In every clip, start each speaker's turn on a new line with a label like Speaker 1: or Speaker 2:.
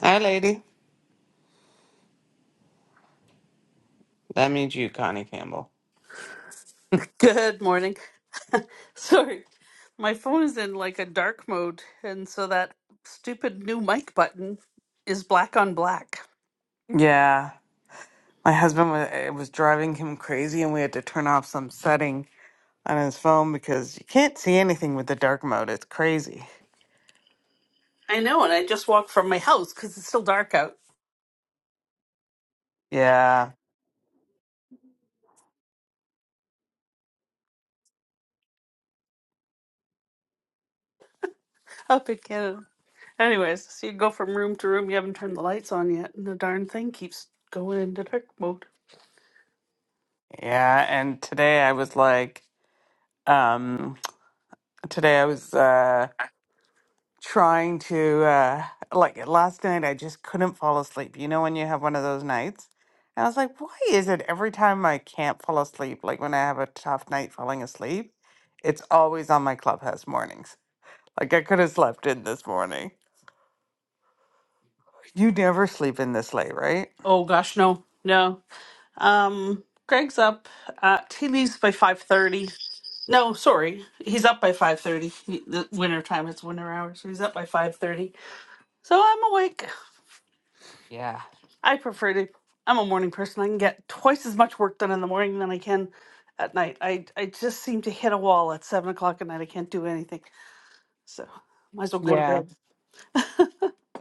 Speaker 1: Hi, lady. That means you, Connie Campbell.
Speaker 2: Good morning. Sorry, my phone is in like a dark mode, and so that stupid new mic button is black on black.
Speaker 1: Yeah, my husband was it was driving him crazy, and we had to turn off some setting on his phone because you can't see anything with the dark mode. It's crazy.
Speaker 2: I know, and I just walked from my house because it's still dark out
Speaker 1: Yeah,
Speaker 2: up in Canada. Anyways, so you go from room to room, you haven't turned the lights on yet, and the darn thing keeps going into dark mode.
Speaker 1: yeah. And today I was like, um, today I was. uh, trying to uh like last night I just couldn't fall asleep. You know when you have one of those nights? And I was like, why is it every time I can't fall asleep, like when I have a tough night falling asleep, it's always on my clubhouse mornings. Like I could have slept in this morning. You never sleep in this late, right?
Speaker 2: Oh gosh, no, no. Um, Greg's up. Uh, he leaves by five thirty. No, sorry, he's up by five thirty. The winter time, it's winter hours, so he's up by five thirty So I'm awake.
Speaker 1: Yeah.
Speaker 2: I prefer to. I'm a morning person. I can get twice as much work done in the morning than I can at night. I I just seem to hit a wall at seven o'clock at night. I can't do anything. So might as well go to
Speaker 1: Yeah.
Speaker 2: bed.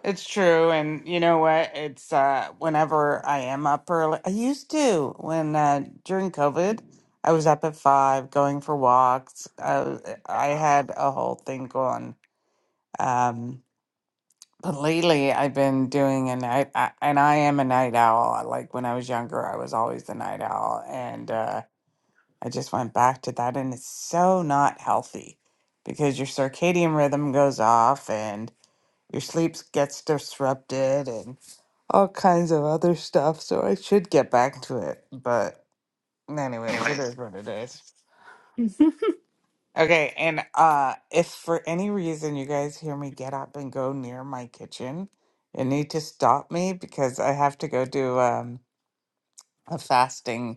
Speaker 1: It's true, and you know what? It's uh whenever I am up early. I used to when uh during COVID, I was up at five going for walks. I was- I had a whole thing going. Um, but lately I've been doing a night, I, and I am a night owl. Like when I was younger, I was always the night owl, and uh I just went back to that, and it's so not healthy because your circadian rhythm goes off and your sleep gets disrupted and all kinds of other stuff, so I should get back to it. But anyways, it is what it is. Okay, and uh if for any reason you guys hear me get up and go near my kitchen, you need to stop me because I have to go do um a fasting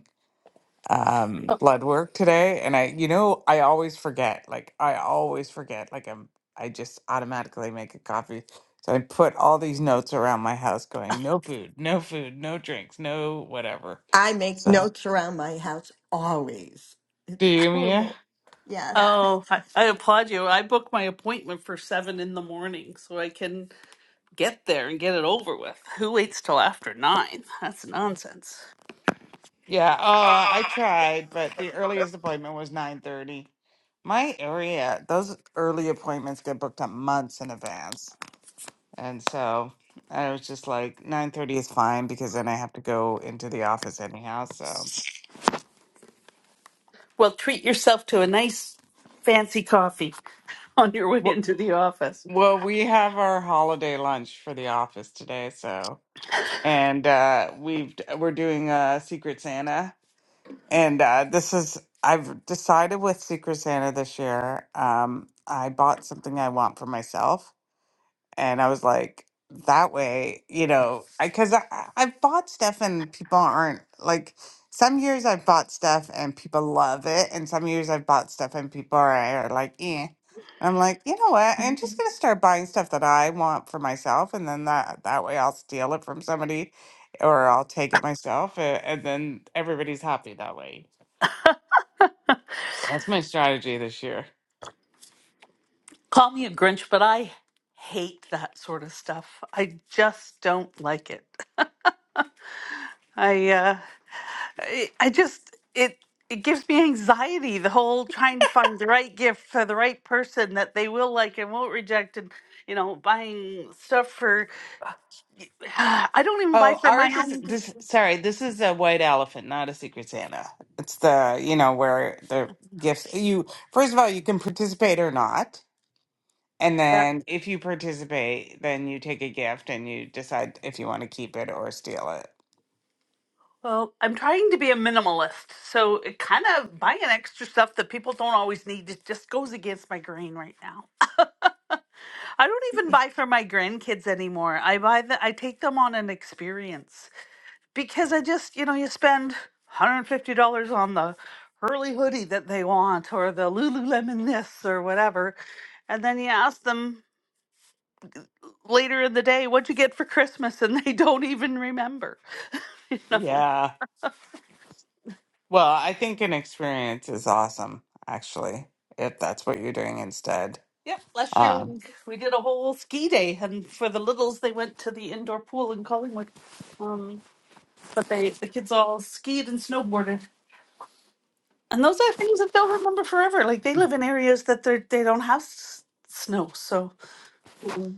Speaker 1: um
Speaker 2: Oh,
Speaker 1: blood work today and I you know I always forget like I always forget like I'm I just automatically make a coffee so I put all these notes around my house going no food no food no drinks no whatever
Speaker 3: I make
Speaker 1: so
Speaker 3: notes around my house always.
Speaker 1: do
Speaker 3: It's
Speaker 1: you Mia
Speaker 3: horrible. Yes.
Speaker 2: oh I, I applaud you. I booked my appointment for seven in the morning so I can get there and get it over with. Who waits till after nine? That's nonsense.
Speaker 1: yeah oh I tried but the earliest appointment was 9:30 my area those early appointments get booked up months in advance And so I was just like, nine thirty is fine because then I have to go into the office anyhow. So,
Speaker 2: Well, treat yourself to a nice fancy coffee on your way
Speaker 1: well,
Speaker 2: into the office.
Speaker 1: well, we have our holiday lunch for the office today. So, and uh, we've we're doing uh, Secret Santa, and uh, this is I've decided with Secret Santa this year. Um, I bought something I want for myself, And I was like, that way, you know, because I, 'cause I, I've bought stuff and people aren't like, some years I've bought stuff and people love it. And some years I've bought stuff and people are, are like, eh. And I'm like, you know what? I'm just going to start buying stuff that I want for myself. And then that, that way I'll steal it from somebody or I'll take it myself. a- And then everybody's happy that way. That's my strategy this year.
Speaker 2: Call me a Grinch, but I hate that sort of stuff. I just don't like it. I uh I, I just it it gives me anxiety the whole trying to find the right gift for the right person that they will like and won't reject and you know buying stuff for I don't even buy
Speaker 1: Oh,
Speaker 2: for my
Speaker 1: ours is
Speaker 2: own
Speaker 1: this. Sorry, this is a white elephant, not a Secret Santa. It's the you know where the gifts. You first of all, you can participate or not, and
Speaker 2: Yeah.
Speaker 1: then if you participate, then you take a gift and you decide if you want to keep it or steal it.
Speaker 2: well, I'm trying to be a minimalist, so it kind of buying extra stuff that people don't always need it just goes against my grain right now. I don't even buy for my grandkids anymore. I buy the I take them on an experience because I just, you know, you spend $150 on the Hurley hoodie that they want or the Lululemon this or whatever. And then you ask them later in the day, what'd you get for Christmas? And they don't even remember. You know?
Speaker 1: Yeah. Well, I think an experience is awesome, actually, if that's what you're doing instead.
Speaker 2: Yep. Last year
Speaker 1: Um,
Speaker 2: we, we did a whole ski day and for the littles they went to the indoor pool in Collingwood. Um, but they the kids all skied and snowboarded And those are things that they'll remember forever. Like they live in areas that they're they don't have s- snow, so mm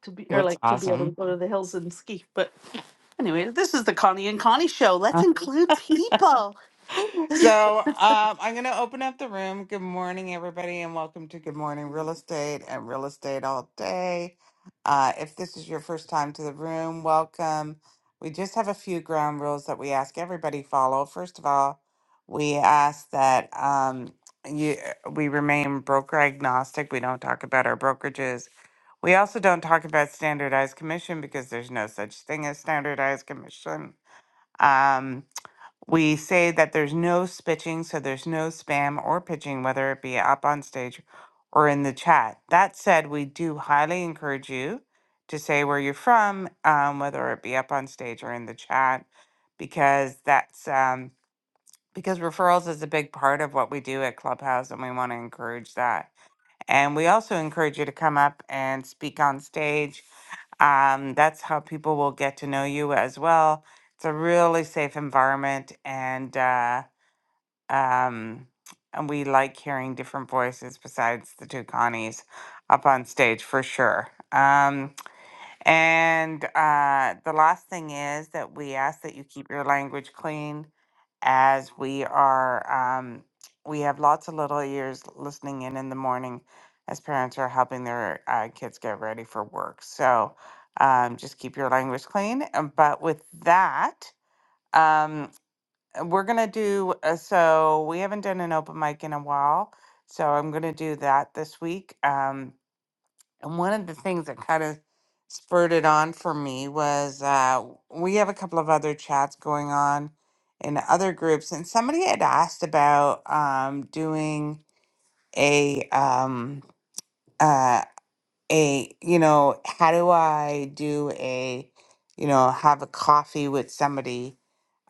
Speaker 2: to be or
Speaker 1: that's
Speaker 2: like to be able to
Speaker 1: awesome.
Speaker 2: go to the hills and ski. But anyway, this is the Connie and Connie show. Let's include people.
Speaker 1: So um, I'm going to open up the room. Good morning, everybody, and welcome to Good Morning Real Estate and Real Estate All Day. Uh, if this is your first time to the room, welcome. We just have a few ground rules that we ask everybody follow. First of all, we ask that um, you we remain broker agnostic. We don't talk about our brokerages. We also don't talk about standardized commission because there's no such thing as standardized commission. Um, we say that there's no spitching, so there's no spam or pitching, whether it be up on stage or in the chat. That said, we do highly encourage you to say where you're from, um, whether it be up on stage or in the chat, because that's um, because referrals is a big part of what we do at Clubhouse, and we want to encourage that. And we also encourage you to come up and speak on stage. Um, that's how people will get to know you as well. It's a really safe environment, and uh, um, and we like hearing different voices besides the two Connies up on stage for sure. Um, and uh, the last thing is that we ask that you keep your language clean as we are um, we have lots of little ears listening in in the morning as parents are helping their uh, kids get ready for work so um, just keep your language clean Um, but with that um, uh, we're gonna do uh, so we haven't done an open mic in a while so i'm gonna do that this week Um, and one of the things that kind of spurred it on for me was uh, we have a couple of other chats going on in other groups, and somebody had asked about um, doing a um, uh, a you know how do I do a you know have a coffee with somebody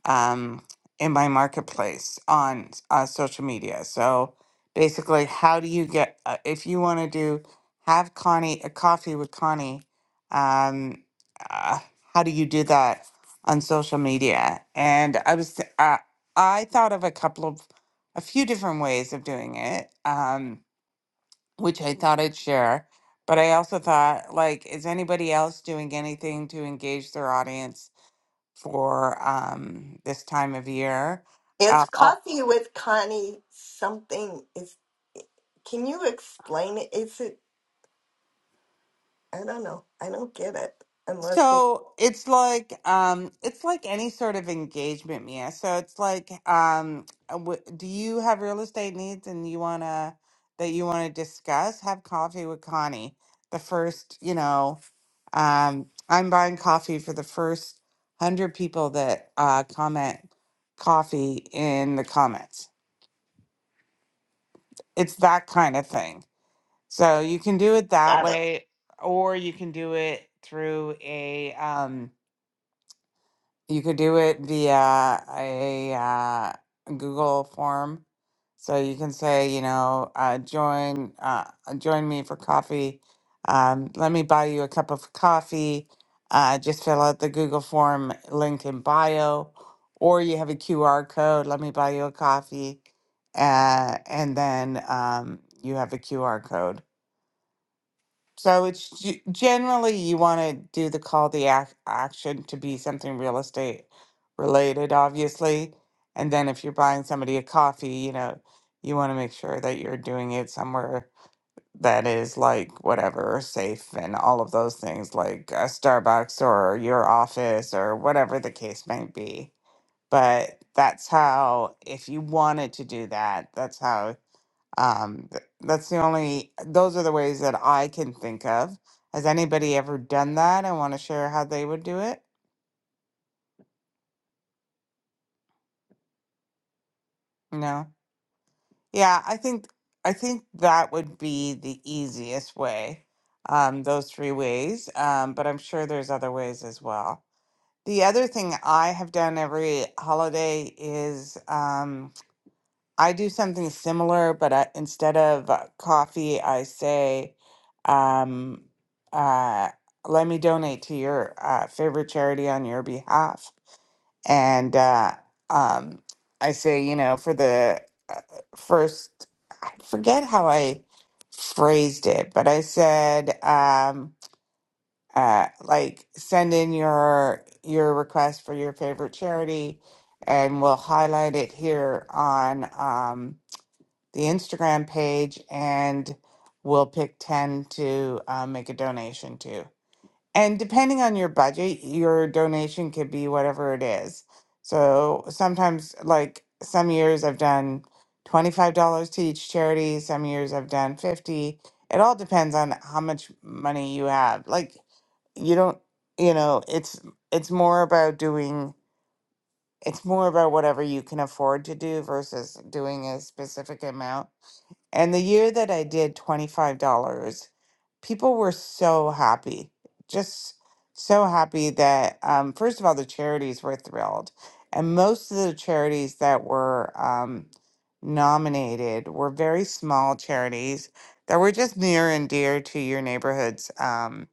Speaker 1: um, in my marketplace on uh, social media. So basically, how do you get uh, if you want to do have Connie a coffee with Connie? Um, uh, how do you do that on social media? And I was th- uh, I thought of a couple of a few different ways of doing it, um, which I thought I'd share. But I also thought, like, is anybody else doing anything to engage their audience for um this time of year.
Speaker 3: It's
Speaker 1: Uh, uh,
Speaker 3: coffee with Connie something. Is can you explain it? Is it I don't know. I don't get it unless you
Speaker 1: so it's like um it's like any sort of engagement, Mia. So it's like um uh, w- do you have real estate needs and you want to that you want to discuss? Have coffee with Connie. The first, you know, um I'm buying coffee for the first 100 people that uh comment coffee in the comments. It's that kind of thing So you can do it that
Speaker 3: got it.
Speaker 1: way, or you can do it through a um, you could do it via a uh, Google form. So you can say, you know, uh, join uh, join me for coffee. Um, let me buy you a cup of coffee. Uh, just fill out the Google form link in bio, or you have a QR code. Let me buy you a coffee, uh, and then um, you have a QR code so it's g- generally you want to do the call the ac- action to be something real estate related, obviously. And then if you're buying somebody a coffee, you know, you want to make sure that you're doing it somewhere that is like whatever safe and all of those things, like a Starbucks or your office or whatever the case might be. But that's how, if you wanted to do that, that's how um, th- that's the only, those are the ways that I can think of. Has anybody ever done that and want to share how they would do it? No. Yeah, I think I think that would be the easiest way. Um, those three ways, um, but I'm sure there's other ways as well. The other thing I have done every holiday is um, I do something similar, but I, instead of uh, coffee, I say, um, uh, let me donate to your uh, favorite charity on your behalf. And uh, um, I say, you know, for the uh, first, I forget how I phrased it, but I said, um, uh, like, send in your your request for your favorite charity, and we'll highlight it here on. Um, the Instagram page and we'll pick 10 to uh, make a donation to. And depending on your budget, your donation could be whatever it is. So sometimes, like some years, I've done $25 to each charity, some years, I've done 50 It all depends on how much money you have. Like, you don't you know it's it's more about doing it's more about whatever you can afford to do versus doing a specific amount and the year that I did $25, people were so happy, just so happy that, um, first of all, the charities were thrilled. And most of the charities that were um, nominated were very small charities that were just near and dear to your neighborhood's um,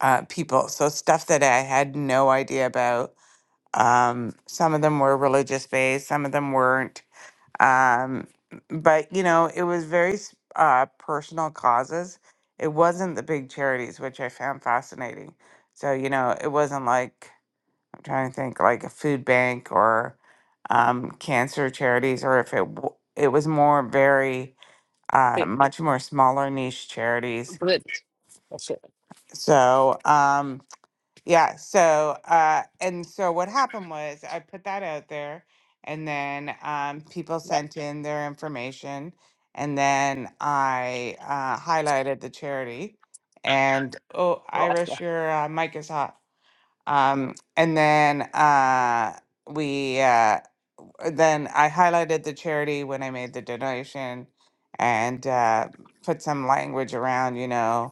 Speaker 1: uh, people. So, stuff that I had no idea about. Um, some of them were religious based, some of them weren't um, but you know, it was very s- uh, personal causes. It wasn't the big charities, which I found fascinating. So you know, it wasn't like I'm trying to think like a food bank or um, cancer charities, or if it w- it was more very uh,
Speaker 4: Wait,
Speaker 1: much more smaller niche charities.
Speaker 4: but that's it.
Speaker 1: So. Um, yeah, so uh and so what happened was I put that out there and then um people
Speaker 4: Yeah,
Speaker 1: sent in their information and then I uh highlighted the charity and oh
Speaker 4: last
Speaker 1: Irish
Speaker 4: one.
Speaker 1: your uh, mic is hot. Um and then uh we uh then I highlighted the charity when I made the donation and uh put some language around, you know,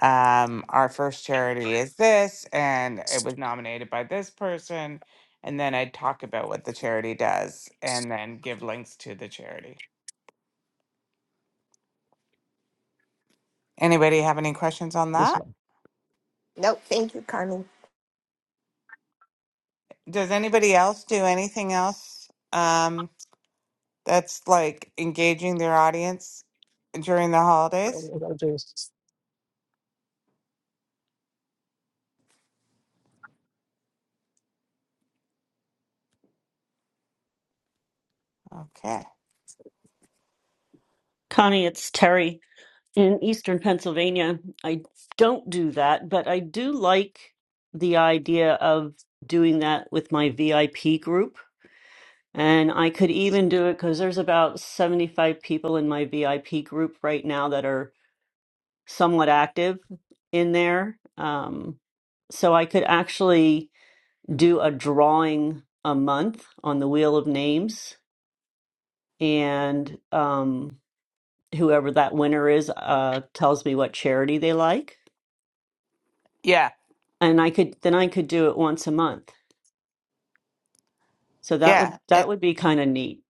Speaker 1: um, our first charity is this, and it was nominated by this person. And then I'd talk about what the charity does and then give links to the charity. Anybody have any questions on
Speaker 4: This
Speaker 1: that?
Speaker 4: one.
Speaker 3: No, thank you, Connie.
Speaker 1: Does anybody else do anything else um, that's like engaging their audience during the holidays?
Speaker 4: What I got do is
Speaker 1: Okay.
Speaker 5: Connie, it's Terry in Eastern Pennsylvania. I don't do that, but I do like the idea of doing that with my VIP group. And I could even do it because there's about 75 people in my VIP group right now that are somewhat active in there. Um, so I could actually do a drawing a month on the Wheel of Names. And um, whoever that winner is uh, tells me what charity they like,
Speaker 1: Yeah.
Speaker 5: and I could then I could do it once a month. So that would
Speaker 1: Yeah.
Speaker 5: that would be kind of neat.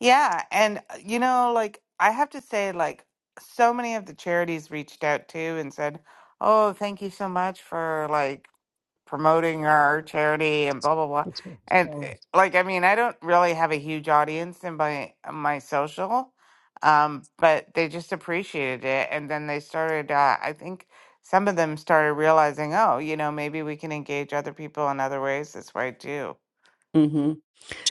Speaker 1: Yeah, and uh, you know, like I have to say, like so many of the charities reached out to and said, "Oh, thank you so much for like promoting our charity and blah blah blah."
Speaker 4: it's me.
Speaker 1: And
Speaker 4: No.
Speaker 1: eh, like, I mean, I don't really have a huge audience in my uh, my social, um, but they just appreciated it, and then they started. Uh, I think some of them started realizing, oh, you know, maybe we can engage other people in other ways this way too.
Speaker 5: hmm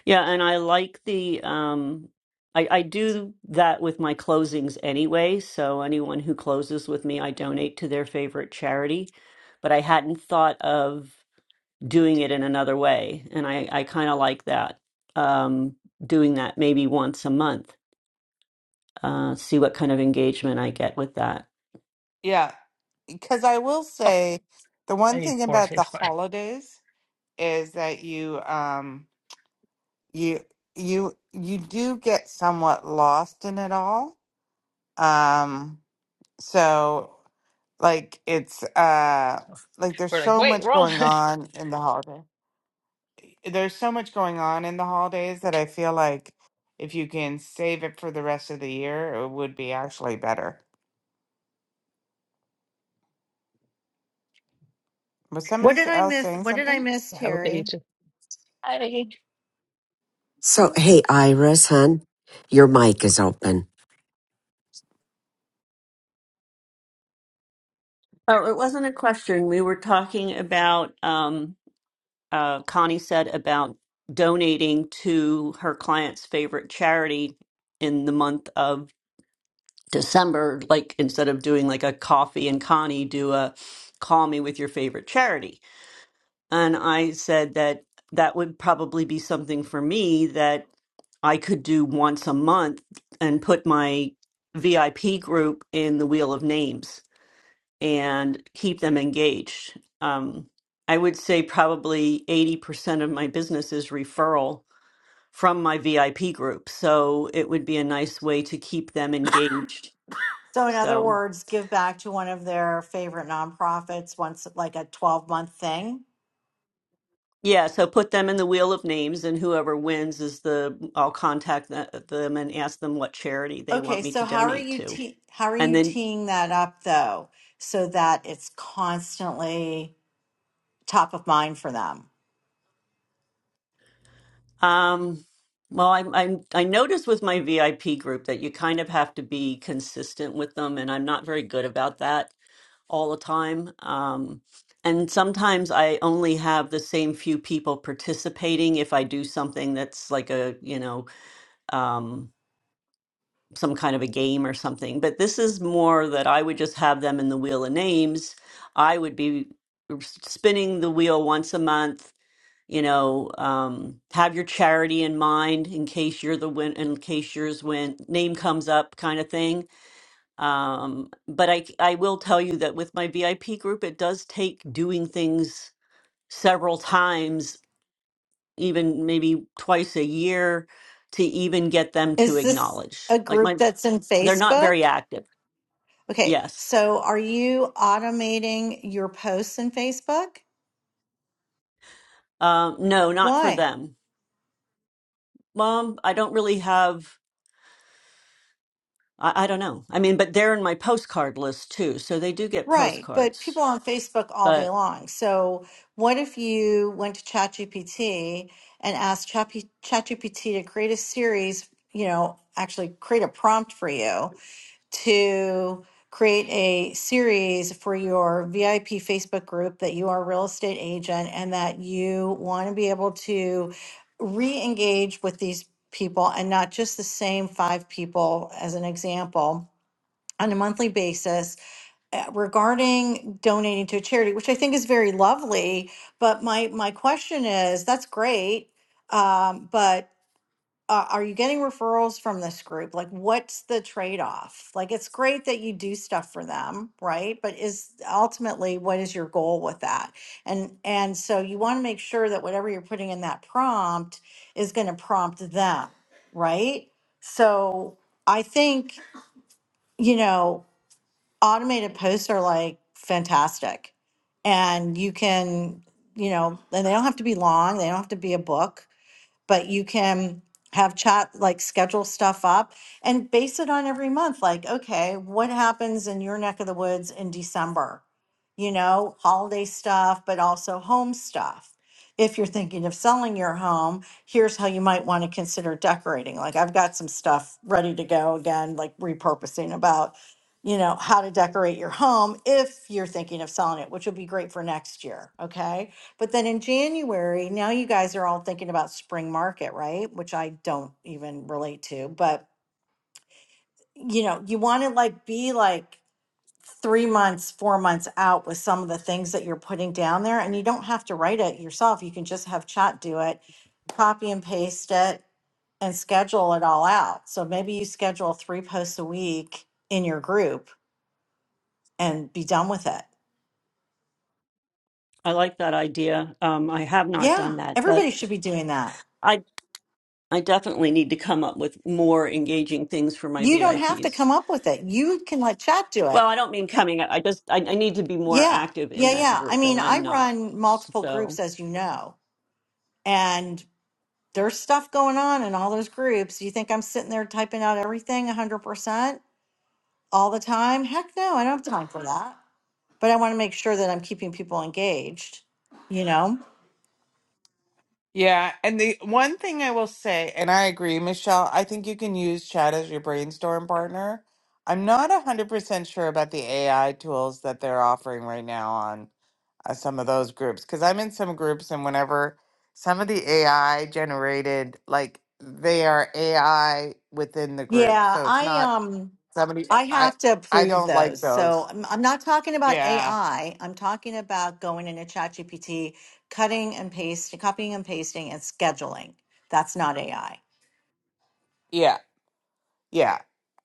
Speaker 5: Yeah, and I like the um, I, I do that with my closings anyway. So anyone who closes with me, I donate to their favorite charity. But I hadn't thought of doing it in another way, and I I kind of like that. Um, doing that maybe once a month, uh, see what kind of engagement I get with that.
Speaker 1: Yeah, because I will
Speaker 4: Oh,
Speaker 1: say the
Speaker 4: I
Speaker 1: one
Speaker 4: need
Speaker 1: thing
Speaker 4: four. I
Speaker 1: about the
Speaker 4: need five.
Speaker 1: holidays is that you um you you you do get somewhat lost in it all. Um so like it's uh like there's
Speaker 4: We're like,
Speaker 1: so
Speaker 4: wait,
Speaker 1: much
Speaker 4: wrong.
Speaker 1: going
Speaker 4: Have
Speaker 1: on in the holiday. There's so much going on in the holidays that I feel like if you can save it for the rest of the year, it would be actually better. Was
Speaker 6: What
Speaker 1: somebody
Speaker 6: did I
Speaker 1: else
Speaker 6: miss?
Speaker 1: saying
Speaker 6: What did I
Speaker 1: something?
Speaker 6: miss,
Speaker 4: a good day, you
Speaker 6: Terry?
Speaker 4: too. Bye.
Speaker 7: So, hey, Iris, hun, your mic is open.
Speaker 5: Oh, it wasn't a question. We were talking about, um, uh, Connie said about donating to her client's favorite charity in the month of December. Like instead of doing like a coffee and Connie, do a call me with your favorite charity. And I said that that would probably be something for me that I could do once a month and put my VIP group in the Wheel of Names and keep them engaged. Um, I would say probably 80% of my business is referral from my VIP group. So it would be a nice way to keep them engaged.
Speaker 6: So, in other
Speaker 5: So,
Speaker 6: words, give back to one of their favorite nonprofits once, like a 12 month thing.
Speaker 5: yeah, so put them in the wheel of names, and whoever wins is the, I'll contact the, them and ask them what charity they
Speaker 6: Okay,
Speaker 5: want me
Speaker 6: so
Speaker 5: to
Speaker 6: how are
Speaker 5: donate
Speaker 6: you
Speaker 5: to.
Speaker 6: te- how are
Speaker 5: And
Speaker 6: you
Speaker 5: then,
Speaker 6: teeing that up though, so that it's constantly top of mind for them?
Speaker 5: um, well, i i I noticed with my VIP group that you kind of have to be consistent with them, and I'm not very good about that. all the time. Um, and sometimes I only have the same few people participating if I do something that's like a, you know, um, some kind of a game or something. But this is more that I would just have them in the wheel of names. I would be r- spinning the wheel once a month. You know, um, have your charity in mind in case you're the win, in case yours win, name comes up, kind of thing um, but I c- I will tell you that with my VIP group, it does take doing things several times, even maybe twice a year, to even get them to
Speaker 6: Is this
Speaker 5: acknowledge.
Speaker 6: a
Speaker 5: Like
Speaker 6: group
Speaker 5: my,
Speaker 6: that's in
Speaker 5: they're not very
Speaker 6: Facebook?
Speaker 5: active.
Speaker 6: Okay,
Speaker 5: Yes.
Speaker 6: so are you automating your posts in Facebook?
Speaker 5: Um, no, not for
Speaker 6: Why?
Speaker 5: them. Mom, I don't really have. I, I don't know. I mean, but they're in my postcard list too, so they do get
Speaker 6: Right, but people
Speaker 5: postcards.
Speaker 6: on Facebook all day
Speaker 5: But
Speaker 6: long. So, what if you went to ChatGPT and asked Chapi- ChatGPT to create a series, you know, actually create a prompt for you to create a series for your VIP Facebook group that you are a real estate agent and that you want to be able to re-engage with these people and not just the same five people as an example on a monthly basis uh, regarding donating to a charity, which I think is very lovely. But my my question is, that's great, um, but uh, are you getting referrals from this group? Like, what's the trade off? Like, it's great that you do stuff for them, right? But is ultimately what is your goal with that? And and so you want to make sure that whatever you're putting in that prompt is going to prompt them, right? So I think you know automated posts are like fantastic and you can you know and they don't have to be long they don't have to be a book but you can have chat like schedule stuff up and base it on every month like okay what happens in your neck of the woods in december you know holiday stuff but also home stuff if you're thinking of selling your home here's how you might want to consider decorating like i've got some stuff ready to go again like repurposing about you know how to decorate your home if you're thinking of selling it which would be great for next year okay but then in January, now you guys are all thinking about spring market, right? Which I don't even relate to, but you know, you want to like be like three months, four months out with some of the things that you're putting down there, and you don't have to write it yourself. You can just have chat do it, copy and paste it, and schedule it all out. So maybe you schedule three posts a week in your group and be done with it.
Speaker 5: I like that idea. Um, I have not done
Speaker 6: Yeah,
Speaker 5: that, but.
Speaker 6: everybody should be doing that.
Speaker 5: I. I definitely need to come up with more engaging things for my
Speaker 6: You don't have to
Speaker 5: VIPs.
Speaker 6: come up with it. You can let chat do it.
Speaker 5: Well, I don't mean coming up. I just I, I need to be more
Speaker 6: Yeah,
Speaker 5: active in
Speaker 6: yeah,
Speaker 5: that
Speaker 6: yeah. I
Speaker 5: group, and
Speaker 6: mean, I
Speaker 5: I'm not.
Speaker 6: run multiple groups,
Speaker 5: So
Speaker 6: as you know, and there's stuff going on in all those groups. You think I'm sitting there typing out everything 100% all the time? Heck no, I don't have time for that. But I want to make sure that I'm keeping people engaged, you know?
Speaker 1: Yeah, and the one thing I will say, and I agree, Michelle, I think you can use chat as your brainstorm partner. I'm not 100% sure about the AI tools that they're offering right now on uh, some of those groups because I'm in some groups, and whenever some of the AI generated, like they are AI within the group,
Speaker 6: Yeah,
Speaker 1: so it's
Speaker 6: I
Speaker 1: not
Speaker 6: um
Speaker 1: somebody. Yeah.
Speaker 6: I
Speaker 1: I
Speaker 6: have to
Speaker 1: I
Speaker 6: approve
Speaker 1: don't like
Speaker 6: those. So
Speaker 1: those.
Speaker 6: I'm, I'm not talking about
Speaker 1: Yeah,
Speaker 6: AI. I'm talking about going into ChatGPT, cutting and pasting, copying and pasting and scheduling. That's not AI.
Speaker 1: yeah. Yeah.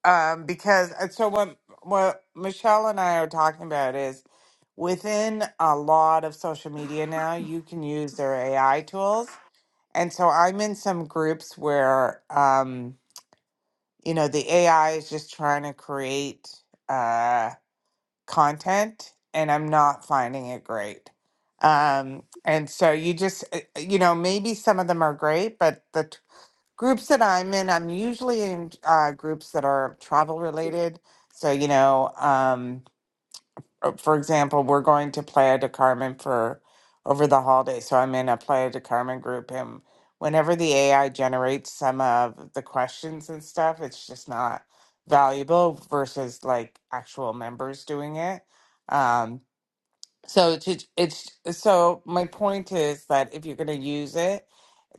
Speaker 1: Um, because uh, so what what Michelle and I are talking about is within a lot of social media now, you can use their AI tools. And so I'm in some groups where um, you know, the AI is just trying to create uh content and I'm not finding it great. Um, and so you just uh, you know, maybe some of them are great, but the groups that I'm in, I'm usually in uh, groups that are travel related. So, you know, um, uh, for example, we're going to Playa de Carmen for over the holiday. So I'm in a Playa de Carmen group, and whenever the AI generates some of the questions and stuff, it's just not valuable versus like actual members doing it. Um, so to, it's so my point is that if you're going to use it,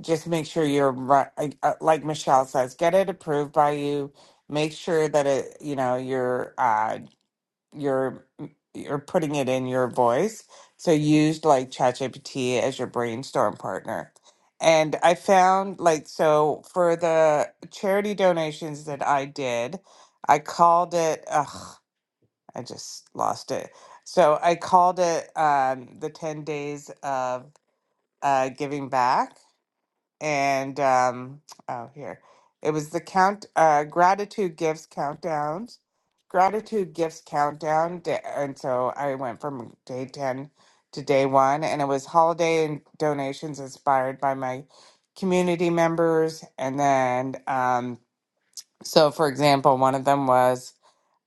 Speaker 1: just make sure you're right like uh, like michelle says get it approved by you make sure that it you know you're uh you're mm, you're putting it in your voice so use like chatgpt as your brainstorm partner and i found like so for the charity donations that i did i called it ugh i just lost it so i called it um the 10 days of uh giving back and um oh here it was the count uh gratitude gifts countdowns gratitude gifts countdown da- and so i went from day 10 to day one and it was holiday and donations inspired by my community members and then um so for example one of them was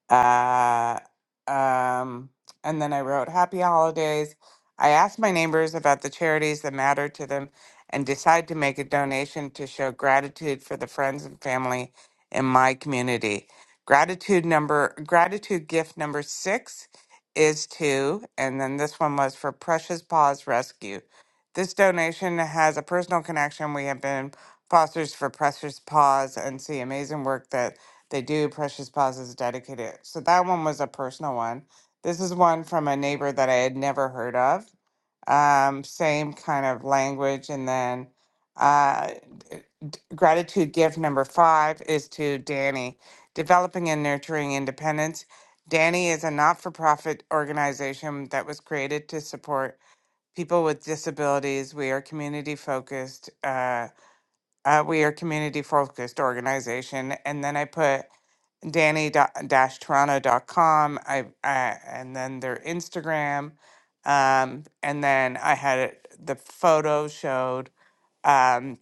Speaker 1: uh, um, and then I wrote Happy Holidays. I asked my neighbors about the charities that matter to them and decide to make a donation to show gratitude for the friends and family in my community. Gratitude number gratitude gift number six is to, and then this one was for Precious Paws Rescue. This donation has a personal connection. We have been fosters for Precious Paws and see amazing work that they do. Precious Paws is dedicated. So that one was a personal one. This is one from a neighbor that I had never heard of. Um, same kind of language. And then uh, d- d- gratitude gift number five is to Danny, developing and nurturing independence. Danny is a not for profit organization that was created to support people with disabilities. We are community focused. Uh, uh, we are community focused organization. And then I put danny-toronto.com. I, I and then their Instagram, um, and then I had it, the photo showed um,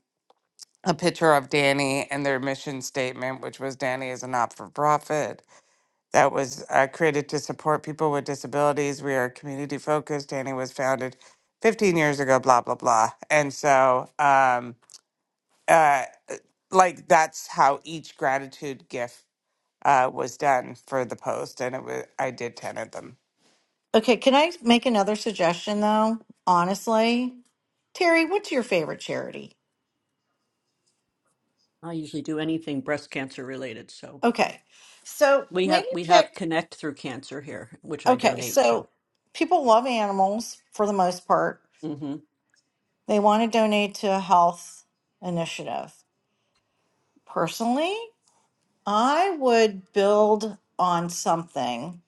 Speaker 1: a picture of Danny and their mission statement, which was Danny is a not-for-profit that was uh, created to support people with disabilities. We are community focused. Danny was founded 15 years ago. Blah blah blah. And so, um, uh, like that's how each gratitude gift uh, was done for the post, and it was I did ten of them.
Speaker 6: Okay, can I make another suggestion though? Honestly, Terry, what's your favorite charity?
Speaker 5: I usually do anything breast cancer related. So
Speaker 6: Okay, so
Speaker 5: we have
Speaker 6: maybe
Speaker 5: we
Speaker 6: pick.
Speaker 5: have Connect Through Cancer here, which I
Speaker 6: Okay,
Speaker 5: donate to.
Speaker 6: so people love animals for the most part.
Speaker 5: hmm
Speaker 6: They want to donate to a health initiative. Personally, I would build on something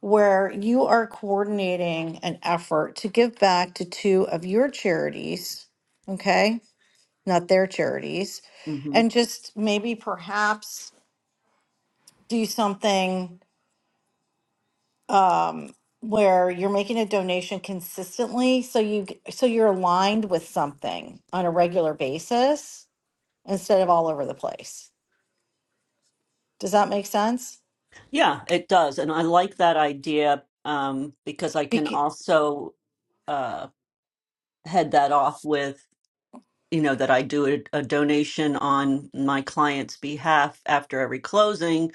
Speaker 6: where you are coordinating an effort to give back to two of your charities, okay? Not their charities,
Speaker 5: hmm
Speaker 6: and just maybe perhaps do something um, where you're making a donation consistently, so you g- so you're aligned with something on a regular basis instead of all over the place. Does that make sense?
Speaker 5: Yeah, it does, and I like that idea um, because I can also uh, head that off with you know that I do a, a donation on my client's behalf after every closing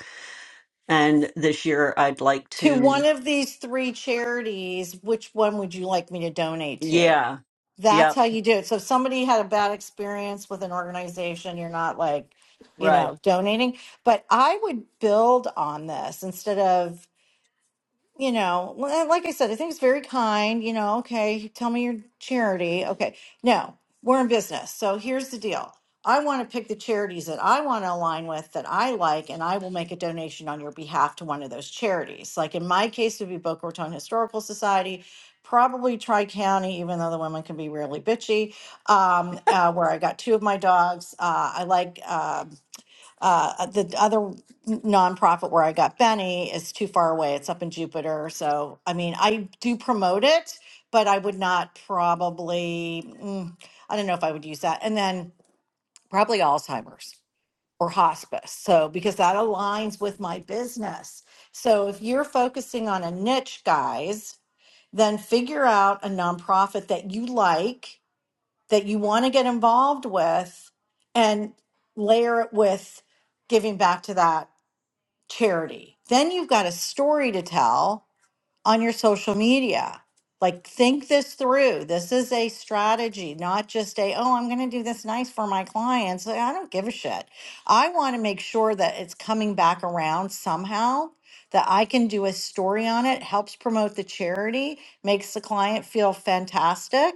Speaker 5: And this year I'd like
Speaker 6: to one
Speaker 5: to,
Speaker 6: of these three charities, which one would you like me to donate to?
Speaker 5: yeah,
Speaker 6: That's
Speaker 5: yep,
Speaker 6: how you do it. So if somebody had a bad experience with an organization, you're not like, you
Speaker 5: right.
Speaker 6: know, donating. But I would build on this instead of you know, li- like I said, I think it's very kind. You know, okay, tell me your charity. Okay, no, we're in business. So here's the deal I want to pick the charities that I want to align with that I like, and I will make a donation on your behalf to one of those charities. Like in my case, it would be Boca Raton Historical Society. Probably Tri County, even though the women can be really bitchy. Um, uh, where I got two of my dogs. Uh, I like. uh, uh, uh, the other nonprofit where I got Benny is too far away. It's up in Jupiter. So, I mean, I do promote it, but I would not probably, mm, I don't know if I would use that. And then probably Alzheimer's or hospice. So, because that aligns with my business. So, if you're focusing on a niche, guys, then figure out a nonprofit that you like, that you want to get involved with, and layer it with giving back to that charity. Then you've got a story to tell on your social media. Like, think this through. This is a strategy, not just a, oh, I'm going to do this nice for my clients. Like, I don't give a shit. I want to make sure that it's coming back around somehow, that I can do a story on it, helps promote the charity, makes the client feel fantastic.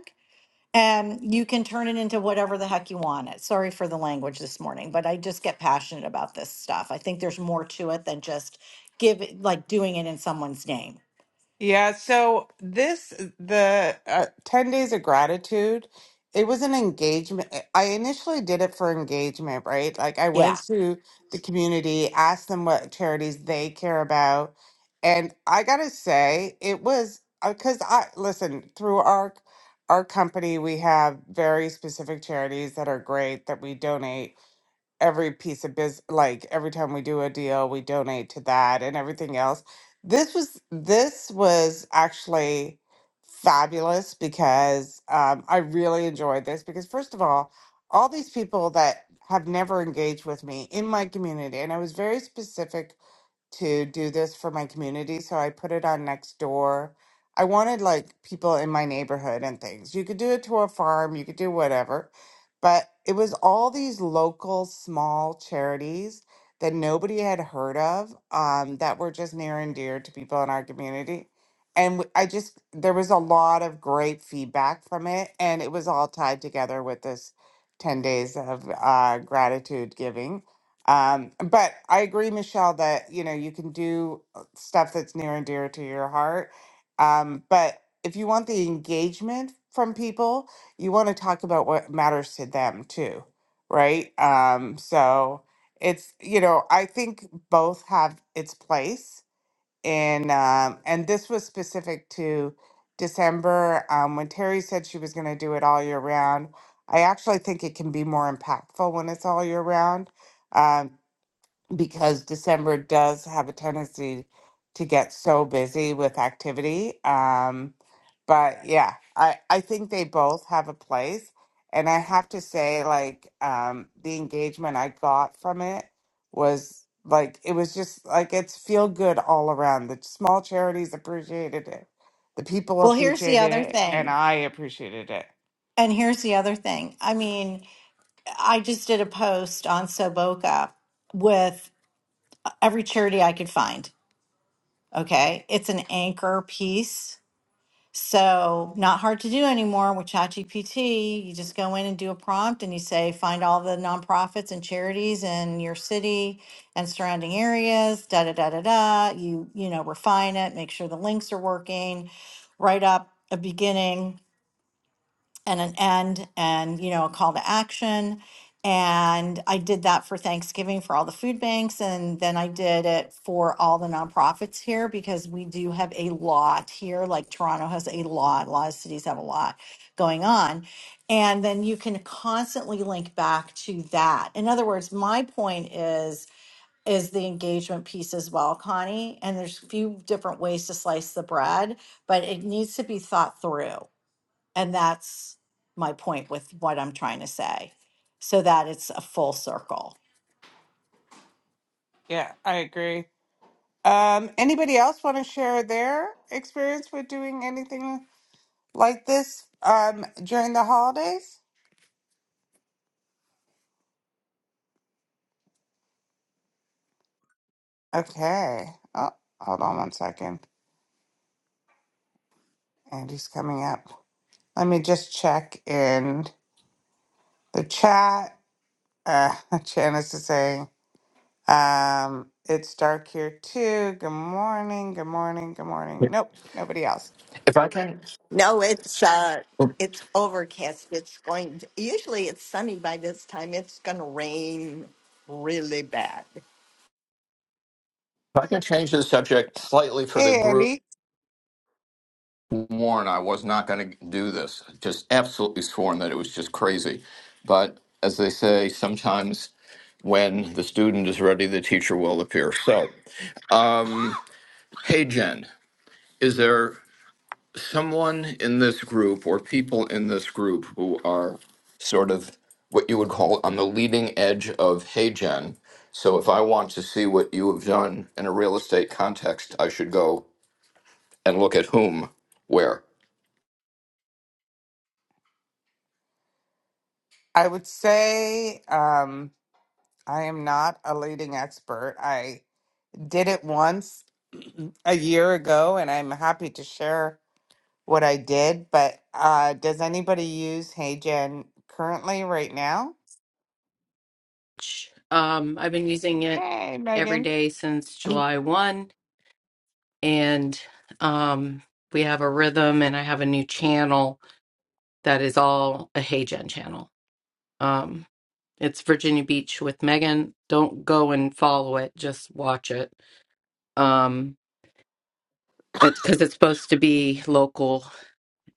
Speaker 6: And you can turn it into whatever the heck you want it. Sorry for the language this morning, but I just get passionate about this stuff. I think there's more to it than just give it, like doing it in someone's name.
Speaker 1: Yeah, so this the uh, ten days of gratitude. It was an engagement. eh, I initially did it for engagement, right? Like I went
Speaker 6: Yeah.
Speaker 1: to the community, asked them what charities they care about, and I gotta say it was because I listen through our our company we have very specific charities that are great that we donate every piece of business like every time we do a deal we donate to that and everything else this was this was actually fabulous because um, i really enjoyed this because first of all all these people that have never engaged with me in my community and i was very specific to do this for my community, so I put it on Nextdoor. I wanted like people in my neighborhood and things. You could do it to a farm, you could do whatever, but it was all these local small charities that nobody had heard of um, that were just near and dear to people in our community. And w- I just, there was a lot of great feedback from it, and it was all tied together with this 10 days of uh, gratitude giving um, but I agree, Michelle, that you know you can do uh, stuff that's near and dear to your heart. Um, but if you want the engagement from people, you want to talk about what matters to them too, right? Um, so it's you know I think both have its place, and um, and this was specific to December um, when Terry said she was going to do it all year round. I actually think it can be more impactful when it's all year round Um, because December does have a tendency to get so busy with activity. Um, but yeah, I, I think they both have a place. And I have to say, like, um, the engagement I got from it was like, it was just like, it's feel good all around. The small charities appreciated it, the people
Speaker 6: Well, here's the
Speaker 1: appreciated
Speaker 6: other
Speaker 1: it, and
Speaker 6: thing.
Speaker 1: I appreciated it.
Speaker 6: And here's the other thing. I mean, I just did a post on Soboka with every charity I could find. Okay. It's an anchor piece So, not hard to do anymore with ChatGPT. You just go in and do a prompt and you say, find all the nonprofits and charities in your city and surrounding areas, da da da da da. You, you know, refine it, make sure the links are working, write up a beginning and an end and you know a call to action and i did that for thanksgiving for all the food banks and then i did it for all the nonprofits here because we do have a lot here like toronto has a lot a lot of cities have a lot going on and then you can constantly link back to that in other words my point is is the engagement piece as well connie and there's a few different ways to slice the bread but it needs to be thought through and that's my point with what I'm trying to say, so that it's a full circle.
Speaker 1: Yeah, I agree. Um, anybody else want to share their experience with doing anything like this um during the holidays? Okay. Oh, hold on one second. Andy's coming up. Let me just check in the chat. Uh, Janice is saying, um, it's dark here too. Good morning. Good morning. Good morning.
Speaker 8: If
Speaker 1: Nope, nobody else.
Speaker 8: I can, if
Speaker 3: No, it's uh it's overcast. It's going usually it's sunny by this time. It's gonna rain really bad.
Speaker 8: I can change the subject slightly for the
Speaker 1: Hey,
Speaker 8: group,
Speaker 1: Andy.
Speaker 8: warn I was not going to do this. Just absolutely sworn that it was just crazy. But as they say, sometimes when the student is ready, the teacher will appear. So, um, hey Jen, is there? someone in this group or people in this group who are sort of what you would call on the leading edge of Heygen. so if i want to see what you have done in a real estate context i should go and look at whom where
Speaker 1: I would say um, I am not a leading expert. I did it once a year ago, and I'm happy to share. what I did, but uh, does anybody use HeyGen currently right now?
Speaker 9: Um, I've been using it
Speaker 1: Hey,
Speaker 9: every
Speaker 1: Megan.
Speaker 9: day since July 1, and um, we have a rhythm, and I have a new channel that is all a Hey Gen channel. Um, it's Virginia Beach with Megan. Don't go and follow it, just watch it. Um, it's because it's supposed to be local,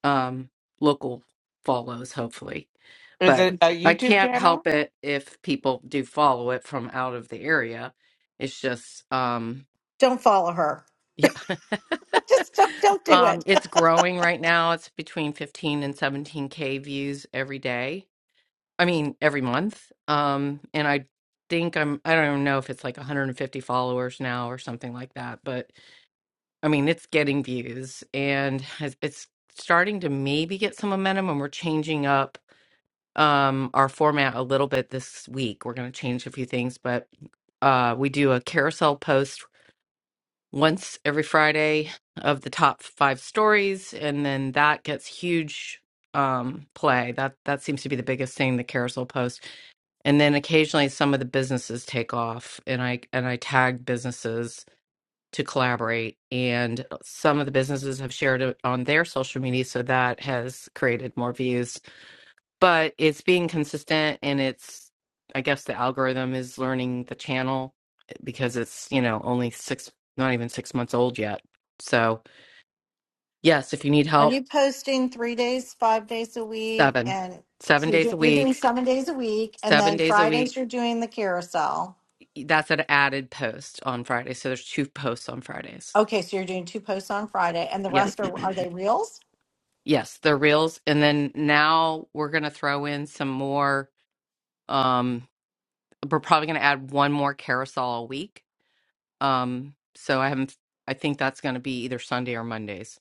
Speaker 9: um, local follows, hopefully.
Speaker 1: Is
Speaker 9: But
Speaker 1: it a
Speaker 9: I
Speaker 1: YouTube
Speaker 9: can't
Speaker 1: channel?
Speaker 9: help it if people do follow it from out of the area. It's just, um,
Speaker 6: Don't follow her.
Speaker 9: Yeah.
Speaker 6: Just don't, don't do
Speaker 9: Um,
Speaker 6: it.
Speaker 9: it's growing right now. It's between 15 and 17K views every day. I mean, every month. Um, and I think I'm, I don't even know if it's like 150 followers now or something like that, but I mean, it's getting views and has- it's starting to maybe get some momentum and we're changing up um our format a little bit this week. We're going to change a few things, but uh we do a carousel post once every Friday of the top five stories, and then that gets huge um, play. That that seems to be the biggest thing the carousel post, and then occasionally some of the businesses take off, and I and I tag businesses to collaborate, and uh, some of the businesses have shared it on their social media, so that has created more views but it's being consistent and it's i guess the algorithm is learning the channel eh, because it's you know only six not even six months old yet so yes if you need
Speaker 6: Are
Speaker 9: help
Speaker 6: you posting three days, five days a week?
Speaker 9: seven
Speaker 6: And so
Speaker 9: seven
Speaker 6: you're,
Speaker 9: days
Speaker 6: do,
Speaker 9: a
Speaker 6: you're doing
Speaker 9: week
Speaker 6: seven days a week. And
Speaker 9: seven
Speaker 6: then
Speaker 9: days a week
Speaker 6: Fridays, you're doing the carousel.
Speaker 9: that's an added post on friday so there's two posts on fridays
Speaker 6: Okay, so you're doing two posts on Friday, and the
Speaker 9: yeah
Speaker 6: rest are are they reels?
Speaker 9: yes they're reels and then now we're going to throw in some more um we're probably going to add one more carousel a week Um, so I haven't. I think that's going to be either Sunday or Mondays.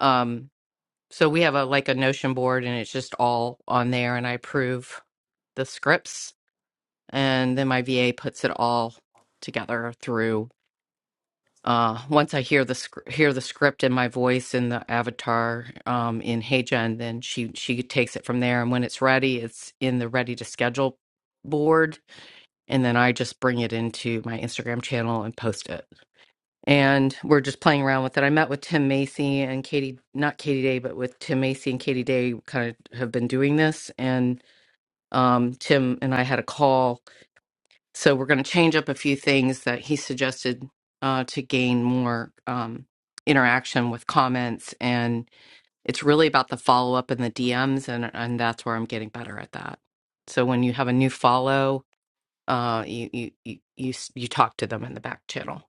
Speaker 9: Um, so we have a like a Notion board, and it's just all on there, and I approve the scripts, and then my VA puts it all together through. Uh, once I hear the sc- hear the script in my voice in the avatar um, in HeyGen, then she she takes it from there. And when it's ready, it's in the ready to schedule board, and then I just bring it into my Instagram channel and post it and we're just playing around with it. I met with Tim Macy and Katie, not Katie Day, but with Tim Macy and Katie Day, kind of have been doing this. And um, Tim and I had a call, so we're going to change up a few things that he suggested uh, to gain more um, interaction with comments. And it's really about the follow up and the DMs, and and that's where I'm getting better at that. So when you have a new follow, uh, you you you you, s- you talk to them in the back channel.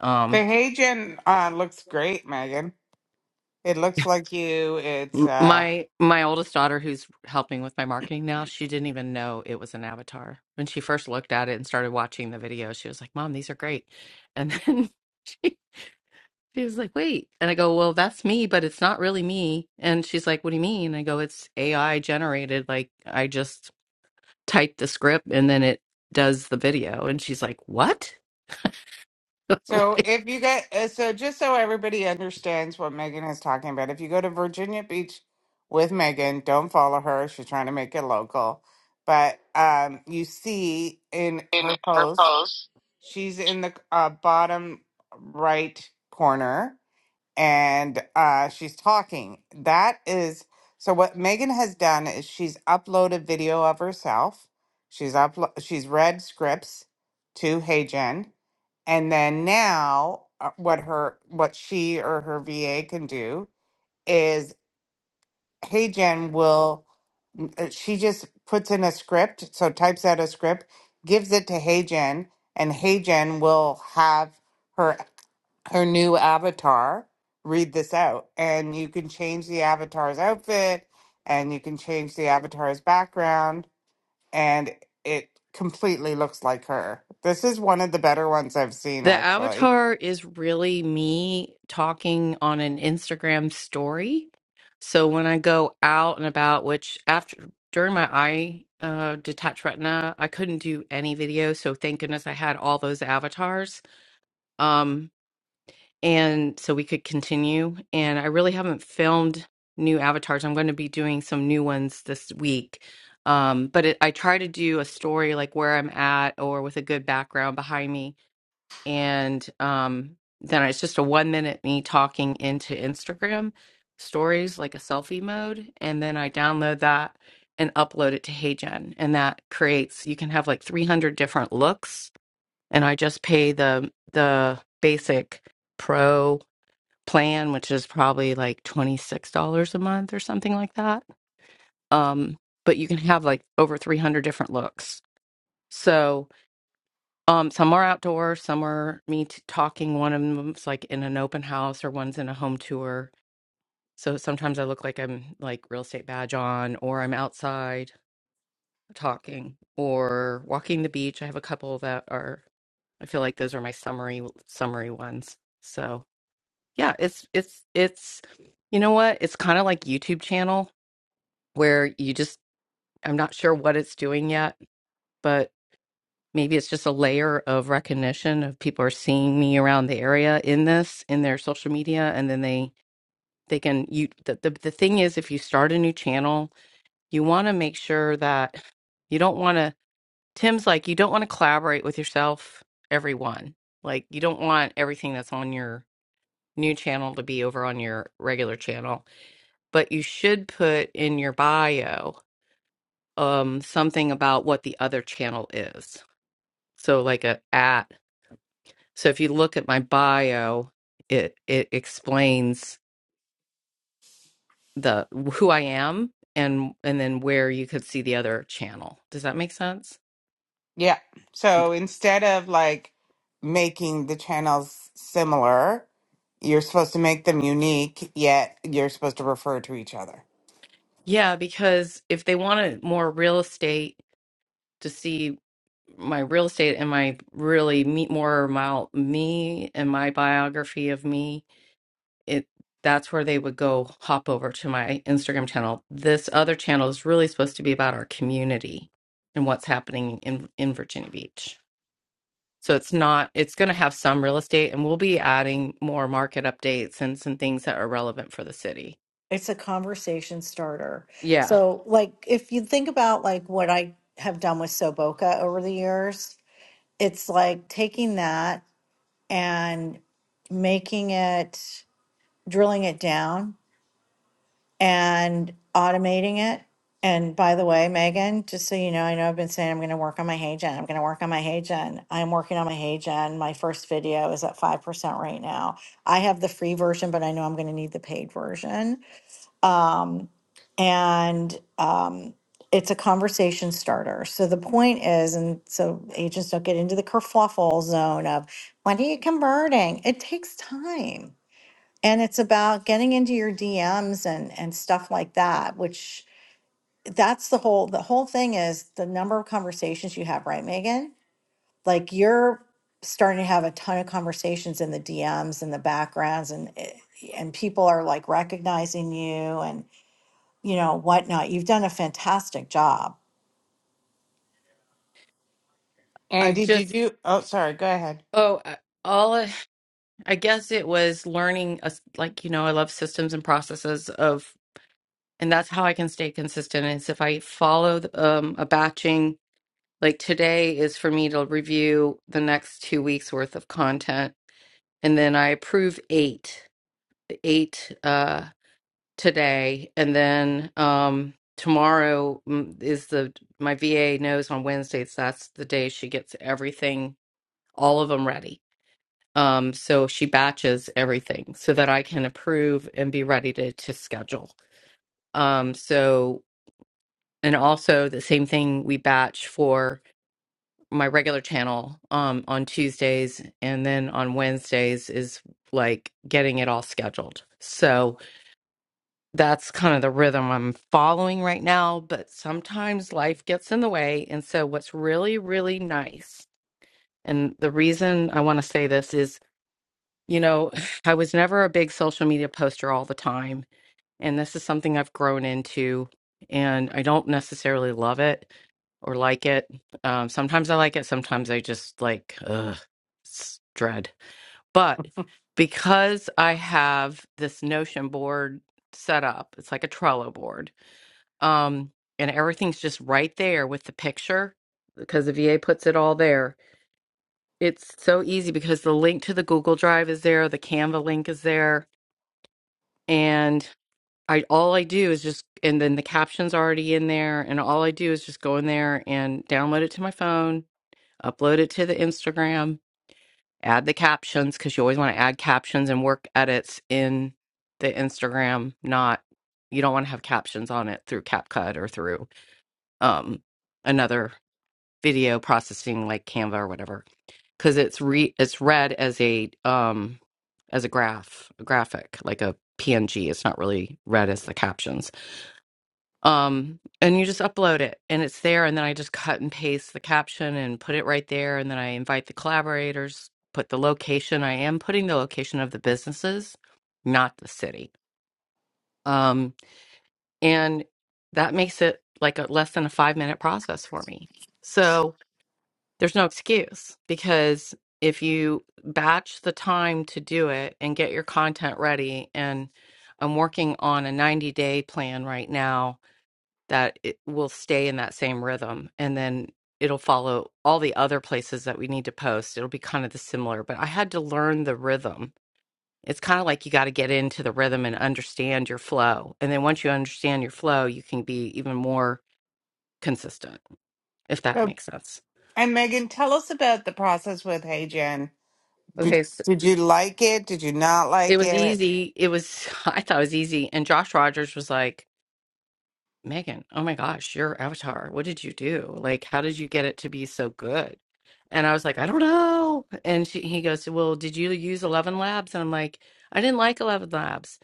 Speaker 9: Um,
Speaker 1: The HeyGen uh, looks great, Megan. It looks like you. It's
Speaker 9: M-
Speaker 1: uh,
Speaker 9: My my oldest daughter, who's helping with my marketing now, she didn't even know it was an avatar when she first looked at it and started watching the video. She was like, "Mom, these are great," and then she, she was like, "Wait," and I go, "Well, that's me, but it's not really me." And she's like, "What do you mean?" I go, "It's AI generated. Like I just type the script and then it does the video." And she's like, "What?"
Speaker 1: so
Speaker 9: Like,
Speaker 1: if you get uh, so just so everybody understands what Megan is talking about, if you go to Virginia Beach with Megan, don't follow her. She's trying to make it local, but um, you see in
Speaker 10: in
Speaker 1: her
Speaker 10: her
Speaker 1: post.
Speaker 10: post.
Speaker 1: She's in the uh, bottom right corner and uh, she's talking. That is so what Megan has done is she's uploaded video of herself. She's uplo- she's read scripts to Hey Jen and then now uh, what her what she or her VA can do is. HeyGen will, uh, she just puts in a script, so types out a script, gives it to HeyGen, and HeyGen will have her her new avatar read this out. And you can change the avatar's outfit, and you can change the avatar's background, and it completely looks like her. This is one of the better ones I've seen,
Speaker 9: the
Speaker 1: actually.
Speaker 9: avatar is really me talking on an Instagram story. So when I go out and about, which after during my eye uh, detached retina, I couldn't do any video. So thank goodness I had all those avatars. Um, and so we could continue. And I really haven't filmed new avatars. I'm going to be doing some new ones this week. Um, but it, I try to do a story like where I'm at or with a good background behind me. And um, then it's just a one minute me talking into Instagram stories, like a selfie mode. And then I download that and upload it to HeyGen. And that creates, you can have like 300 different looks. And I just pay the, the basic pro plan, which is probably like $26 a month or something like that. Um, but you can have like over 300 different looks. So um, some are outdoor, some are me t- talking. One of them's like in an open house, or one's in a home tour. So sometimes I look like I'm like real estate badge on, or I'm outside talking, or walking the beach. I have a couple that are. I feel like those are my summary summary ones. So Yeah, it's it's it's you know what? It's kind of like YouTube channel where you just I'm not sure what it's doing yet, but maybe it's just a layer of recognition of people are seeing me around the area in this in their social media and then they they can you the the, the thing is if you start a new channel, you want to make sure that you don't want to Tim's like you don't want to collaborate with yourself everyone. Like you don't want everything that's on your new channel to be over on your regular channel but you should put in your bio um, something about what the other channel is. So like a at. So if you look at my bio, it it explains the who I am and and then where you could see the other channel. Does that make sense?
Speaker 1: Yeah.
Speaker 9: Okay.
Speaker 1: So instead of like making the channels similar, you're supposed to make them unique, yet you're supposed to refer to each other.
Speaker 9: Yeah, because if they want it more real estate to see my real estate and my really meet more about me and my biography of me it that's where they would go hop over to my instagram channel this other channel is really supposed to be about our community and what's happening in in virginia beach so it's not it's going to have some real estate and we'll be adding more market updates and some things that are relevant for the city
Speaker 6: It's a conversation starter.
Speaker 9: yeah
Speaker 6: So, like, if you think about like what I have done with Soboka over the years, it's like taking that and making it, drilling it down and automating it. And by the way, Megan, just so you know, I know I've been saying I'm going to work on my hey gen. I'm going to work on my hey gen. I'm working on my hey gen. My first video is at 5% right now. I have the free version, but I know I'm going to need the paid version um, and um, it's a conversation starter. So the point is, and so agents don't get into the kerfluffle zone of when are you converting? It takes time. And it's about getting into your DMs and and stuff like that, which that's the whole the whole thing is the number of conversations you have, right, Megan? Like you're starting to have a ton of conversations in the DMs and the backgrounds and it- and people are like recognizing you and you know, whatnot. You've done a fantastic job.
Speaker 1: And
Speaker 9: i've
Speaker 1: did you
Speaker 9: just
Speaker 1: do? Oh, sorry. Go ahead.
Speaker 9: oh I- all I guess it was learning, a s like, you know, I love systems and processes of, and that's how I can stay consistent is if I follow the, um, a batching, like today is for me to review the next two weeks worth of content. And then I approve eight, eight, uh, today. And then, um, tomorrow mm, is the, my VA knows on Wednesdays, that's the day she gets everything, all of them ready. Um, so she batches everything so that I can approve and be ready to to schedule. Um, so and also the same thing we batch for my regular channel um on Tuesdays and then on Wednesdays is like getting it all scheduled. So that's kind of the rhythm I'm following right now, but sometimes life gets in the way. And so what's really, really nice, and the reason I want to say this is You know, I was never a big social media poster all the time, and this is something I've grown into, and I don't necessarily love it or like it. Um, sometimes I like it, sometimes I just like, ugh, it's dread. But because I have this Notion board set up, it's like a Trello board, um, and everything's just right there with the picture because the VA puts it all there. It's so easy because the link to the Google Drive is there, the Canva link is there and I all I do is just and then the captions already in there and all I do is just go in there and download it to my phone, upload it to the Instagram, add the captions cuz you always want to add captions and work edits in the Instagram, not you don't want to have captions on it through CapCut or through um another video processing like Canva or whatever cuz it's re it's read as a um as a graph, a graphic, like a PNG. It's not really read as the captions. um and you just upload it and it's there and then i just cut and paste the caption and put it right there and then i invite the collaborators put the location i am putting the location of the businesses not the city um and that makes it like a less than a 5 minute process for me so there's no excuse because if you batch the time to do it and get your content ready and i'm working on a 90 day plan right now that it will stay in that same rhythm and then it'll follow all the other places that we need to post it'll be kind of the similar but i had to learn the rhythm it's kind of like you got to get into the rhythm and understand your flow and then once you understand your flow you can be even more consistent if that
Speaker 1: So,
Speaker 9: makes sense
Speaker 1: and Megan, tell us about the process with Hey Jen. Did,
Speaker 9: okay so
Speaker 1: did you like it? Did you not
Speaker 9: it
Speaker 1: like
Speaker 9: was
Speaker 1: it?
Speaker 9: easy it was i thought it was easy and josh rogers was like Megan, oh my gosh, your avatar, what did you do? Like, how did you get it to be so good? And I was like, I don't know. And she, he goes, Well, did you use 11 Labs? And I'm like, I didn't like 11 Labs.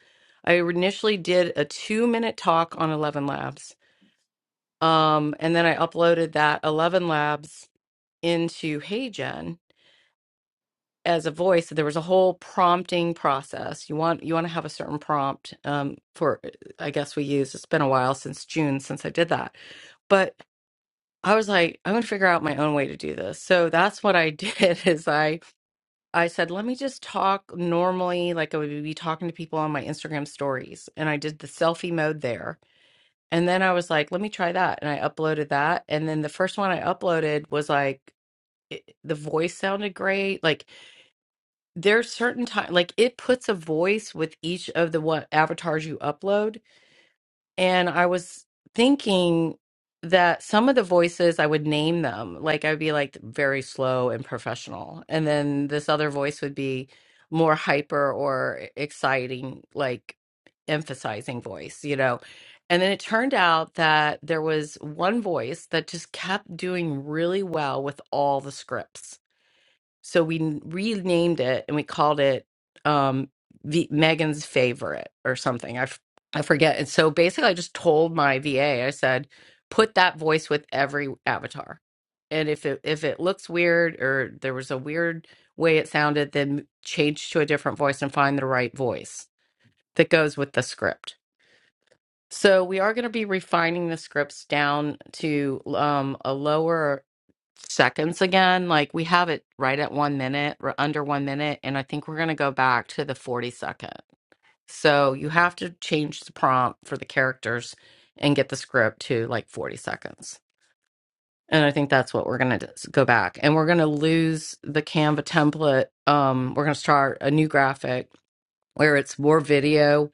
Speaker 9: I initially did a two minute talk on 11 Labs. Um, and then I uploaded that 11 Labs into HeyGen as a voice. There was a whole prompting process. You want you want to have a certain prompt um, for, I guess we use. It's been a while since June since I did that but. I was like, I'm gonna figure out my own way to do this. So that's what I did is I I said, let me just talk normally, like I would be talking to people on my Instagram stories. And I did the selfie mode there. And then I was like, let me try that. And I uploaded that. And then the first one I uploaded was like it, the voice sounded great. Like there's certain time like it puts a voice with each of the what avatars you upload and I was thinking that some of the voices, I would name them. Like I would be like very slow and professional. And then this other voice would be more hyper or e, exciting, like emphasizing voice, you know? And then it turned out that there was one voice that just kept doing really well with all the scripts so we n- renamed it and we called it um, v- Megan's Favorite or something. I, f- I forget. And so basically, I just told my VA, I said, put that voice with every avatar. And if it if it looks weird or there was a weird way it sounded, then change to a different voice and find the right voice that goes with the script. So we are going to be refining the scripts down to um, a lower seconds again. Like we have it right at one minute or under one minute. And I think we're going to go back to the 40 second. So you have to change the prompt for the characters and get the script to like 40 seconds. And I think that's what we're going to go back. And we're going to lose the Canva template. Um, we're going to start a new graphic where it's more video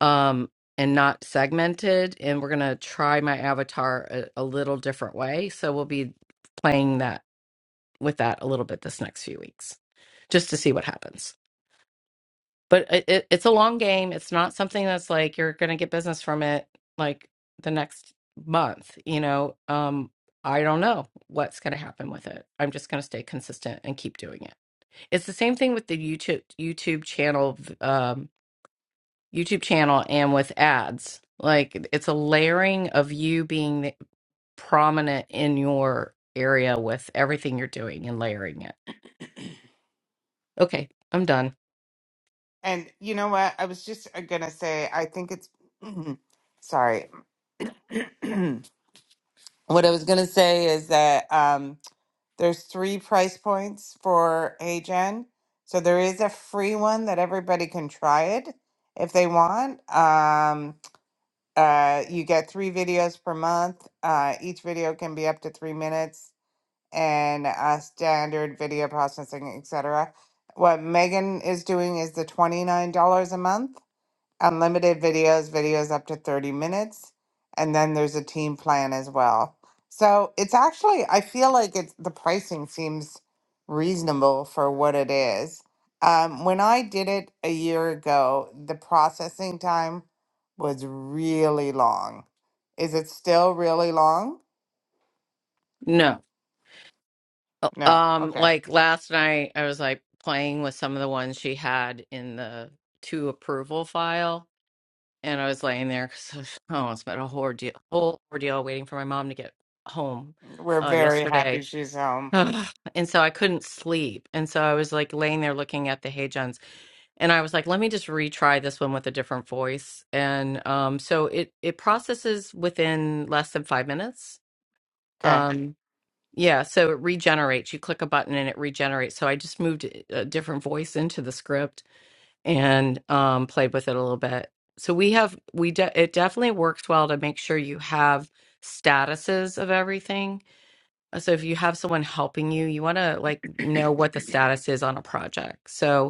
Speaker 9: um, and not segmented. And we're going to try my avatar a, a little different way. So we'll be playing that with that a little bit this next few weeks just to see what happens. But it, it, it's a long game. It's not something that's like you're going to get business from it like the next month, you know. Um I don't know what's going to happen with it. I'm just going to stay consistent and keep doing it. It's the same thing with the YouTube YouTube channel um YouTube channel and with ads. Like it's a layering of you being prominent in your area with everything you're doing and layering it. Okay, I'm done.
Speaker 1: And you know what? I was just going to say, I think it's, sorry. what I was going to say is that, um, There's three price points for HN. So there is a free one that everybody can try it if they want. Um, uh, you get three videos per month. Uh, each video can be up to three minutes and uh, standard video processing, etc. What Megan is doing is the $29 a month unlimited videos, videos up to 30 minutes, and then there's a team plan as well. So it's actually, I feel like it's the pricing seems reasonable for what it is. Um, when I did it a year ago, the processing time was really long. Is it still really long?
Speaker 9: No. Uh,
Speaker 1: No.
Speaker 9: Um,
Speaker 1: Okay.
Speaker 9: like last night I was like playing with some of the ones she had in the to approval file and I was laying there because oh, it's been a whole ordeal, whole ordeal waiting for my mom to get home
Speaker 1: We're
Speaker 9: uh
Speaker 1: very
Speaker 9: yesterday.
Speaker 1: happy she's home.
Speaker 9: Ugh. and so I couldn't sleep. And so I was like laying there looking at the Hey Johns and I was like, let me just retry this one with a different voice. And um so it it processes within less than five minutes.
Speaker 1: Okay.
Speaker 9: um. Yeah, so it regenerates. You click a button and it regenerates. So I just moved eh, a different voice into the script and um, played with it a little bit. So we have we de- it definitely works well to make sure you have statuses of everything. So if you have someone helping you, you want to like know what the status is on a project. So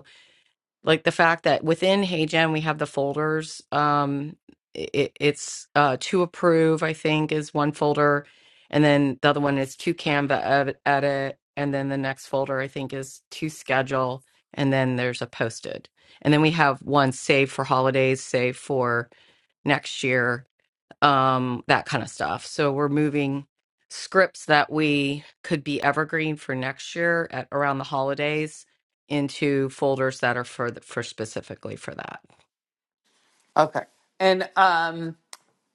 Speaker 9: like the fact that within HeyGen we have the folders. Um, it, it's uh, to approve, I think, is one folder, and then the other one is to Canva ed- edit, and then the next folder I think is to schedule, and then there's a posted, and then we have one save for holidays, save for next year, um, that kind of stuff. So we're moving scripts that we could be evergreen for next year at around the holidays into folders that are for the, for specifically for that.
Speaker 1: Okay. And um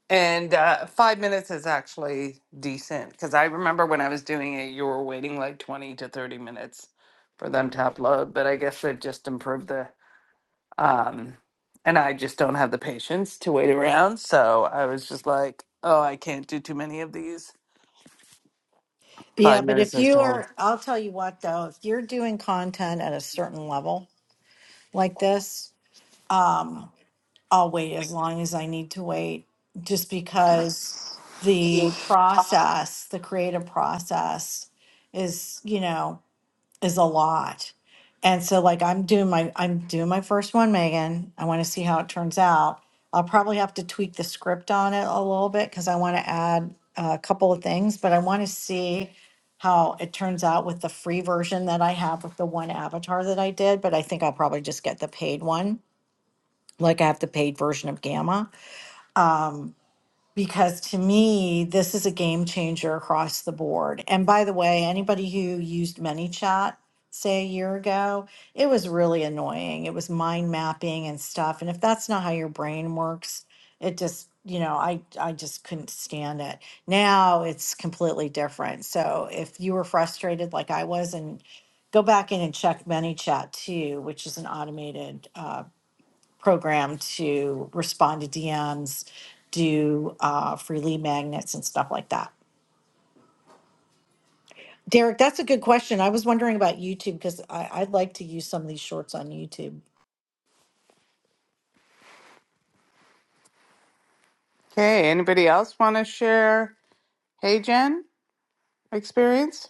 Speaker 1: And uh, five minutes is actually decent because I remember when I was doing it, you were waiting like 20 to 30 minutes for them to upload. But I guess they've just improved the. Um, and I just don't have the patience to wait around. So I was just like, oh, I can't do too many of these.
Speaker 6: Yeah,
Speaker 1: Five
Speaker 6: but
Speaker 1: minutes
Speaker 6: if
Speaker 1: is
Speaker 6: you
Speaker 1: all.
Speaker 6: are, I'll tell you what, though, if you're doing content at a certain level like this, um, I'll wait as long as I need to wait just because the process, the creative process is, you know, is a lot. And so like I'm doing my I'm doing my first one, Megan. I want to see how it turns out. I'll probably have to tweak the script on it a little bit because I want to add a couple of things, but I want to see how it turns out with the free version that I have with the one avatar that I did. But I think I'll probably just get the paid one, like I have the paid version of Gamma. Um, because to me, this is a game changer across the board. And by the way, anybody who used ManyChat, say a year ago, it was really annoying. It was mind mapping and stuff. And if that's not how your brain works, it just, you know, I, I just couldn't stand it. Now it's completely different. So if you were frustrated like I was, and go back in and check ManyChat too, which is an automated uh, program to respond to DMs, do uh, free lead magnets and stuff like that. Derek, that's a good question. I was wondering about YouTube because I'd like to use some of these shorts on YouTube.
Speaker 1: Okay. Anybody else want to share? Hey, Jen, experience?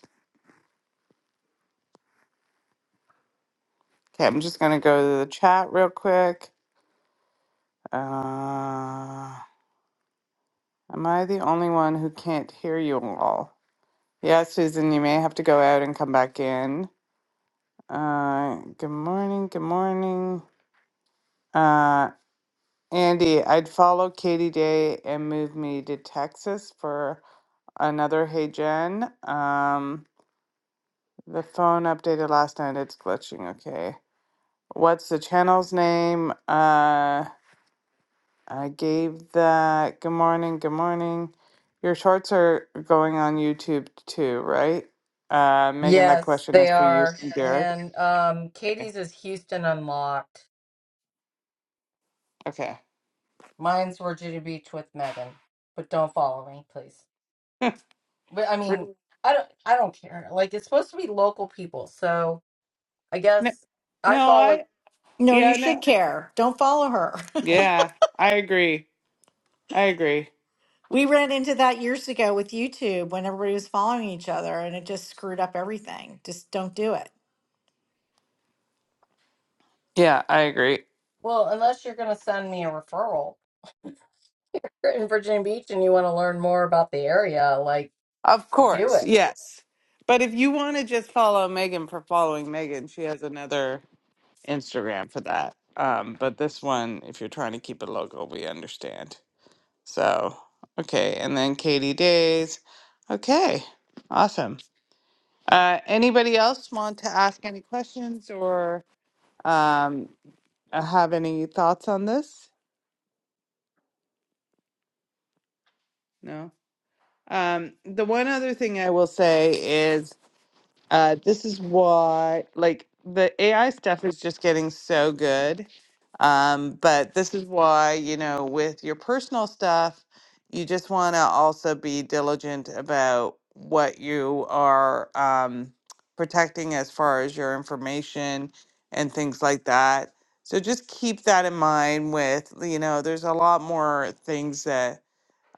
Speaker 1: Okay. I'm just going to go to the chat real quick. Uh, am I the only one who can't hear you all? Yeah, Susan, you may have to go out and come back in. Uh, good morning. Good morning. Uh, Andy, I'd follow Katie Day and move me to Texas for another Hey Jen. Um, the phone updated last night. It's glitching. Okay. What's the channel's name? Uh, I gave that. Good morning. Good morning. Your shorts are going on YouTube too, right? Uh, Megan, that
Speaker 9: Yes,
Speaker 1: question is
Speaker 9: they
Speaker 1: for you
Speaker 9: are.
Speaker 1: and Derek.
Speaker 9: And um
Speaker 1: Okay.
Speaker 9: Katie's is Houston Unlocked.
Speaker 1: Okay.
Speaker 9: Mine's Virginia Beach with Megan. But don't follow me, please. But I mean, I don't I don't care. Like it's supposed to be local people. So I
Speaker 1: no, no,
Speaker 9: guess I follow
Speaker 1: I,
Speaker 6: No, you
Speaker 1: yeah,
Speaker 6: should
Speaker 1: no,
Speaker 6: care. Don't follow her.
Speaker 1: yeah, I agree. I agree.
Speaker 6: we ran into that years ago with YouTube when everybody was following each other and it just screwed up everything. Just don't do it.
Speaker 1: Yeah, I agree.
Speaker 9: well, unless you're gonna send me a referral. you're in Virginia Beach and you want to learn more about the area, like
Speaker 1: Of
Speaker 9: do
Speaker 1: course,
Speaker 9: it.
Speaker 1: yes. But if you want to just follow Megan for following Megan, she has another Instagram for that. Um, but this one, if you're trying to keep it local, we understand. So, okay. And then Katie Days. Okay. Awesome. Uh, anybody else want to ask any questions or um, have any thoughts on this? No? Um, the one other thing I will say is uh, this is why, like, the AI stuff is just getting so good. Um, but this is why, you know, with your personal stuff, you just want to also be diligent about what you are um, protecting as far as your information and things like that. So just keep that in mind with, you know, there's a lot more things that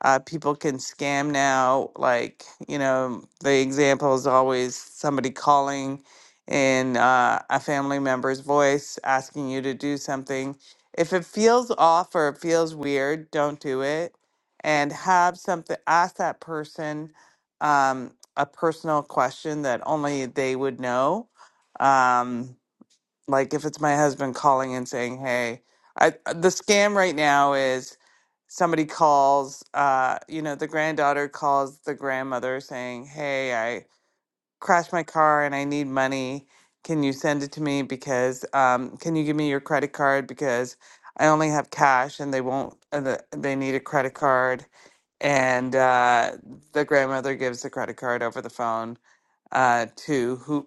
Speaker 1: uh, people can scam now. Like, you know, the example is always somebody calling in uh, a family member's voice asking you to do something. If it feels off or it feels weird, don't do it. And have something, ask that person um, a personal question that only they would know. Um, like if it's my husband calling and saying, "Hey, I the scam right now is somebody calls, uh, you know, the granddaughter calls the grandmother saying, "Hey, I crashed my car and I need money. Can you send it to me because um can you give me your credit card because I only have cash and they won't uh, the- they need a credit card." And uh the grandmother gives the credit card over the phone uh to who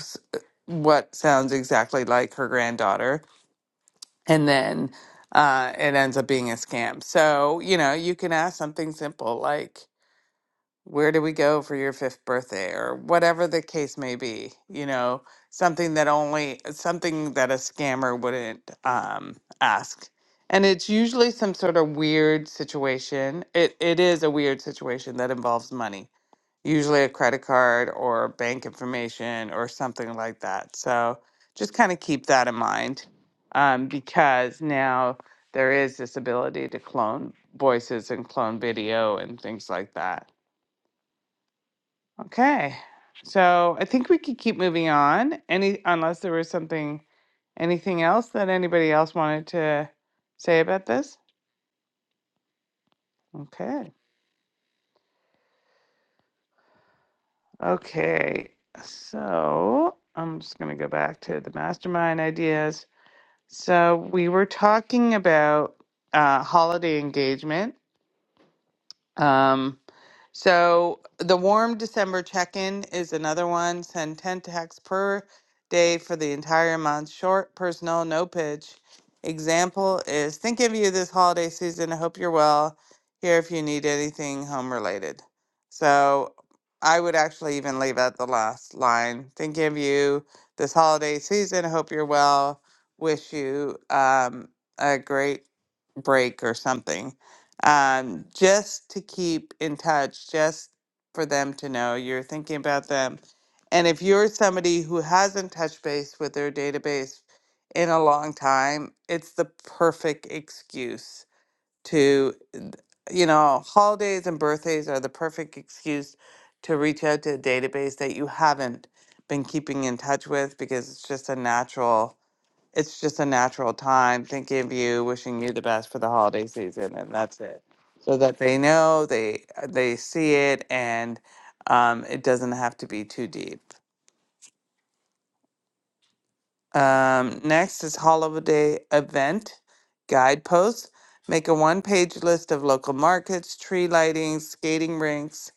Speaker 1: s- uh, what sounds exactly like her granddaughter and then uh, it ends up being a scam so you know you can ask something simple like where do we go for your fifth birthday or whatever the case may be you know something that only something that a scammer wouldn't um, ask and it's usually some sort of weird situation it, it is a weird situation that involves money usually a credit card or bank information or something like that. So just kind of keep that in mind um, because now there is this ability to clone voices and clone video and things like that. Okay. So I think we could keep moving on. Any unless there was something anything else that anybody else wanted to say about this? Okay. Okay. So I'm just gonna go back to the mastermind ideas. So we were talking about uh, holiday engagement. Um, so the warm December check-in is another one. Send 10 texts per day for the entire month. Short, personal, no pitch. Example is thinking of you this holiday season. I hope you're well. Here if you need anything home related. So I would actually even leave out the last line. Thinking of you this holiday season. I hope you're well. Wish you um, a great break or something um, just to keep in touch, just for them to know you're thinking about them. And if you're somebody who hasn't touched base with their database in a long time, it's the perfect excuse to, you know, holidays and birthdays are the perfect excuse to reach out to a database that you haven't been keeping in touch with because it's just a natural it's just a natural time thinking of you wishing you the best for the holiday season and that's it so that they know they they see it and um, it doesn't have to be too deep um, next is holiday event guideposts. Make a one page list of local markets, tree lighting, skating rinks,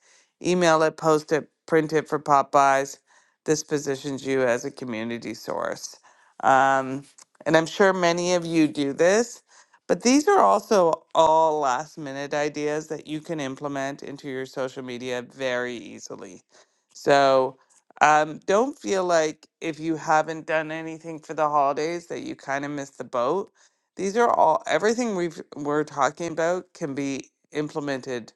Speaker 1: email it, post it, print it for Popeyes. This positions you as a community source. Um, and I'm sure many of you do this, but these are also all last minute ideas that you can implement into your social media very easily. So, um, don't feel like if you haven't done anything for the holidays that you kind of missed the boat. These are all, everything we've, we're talking about can be implemented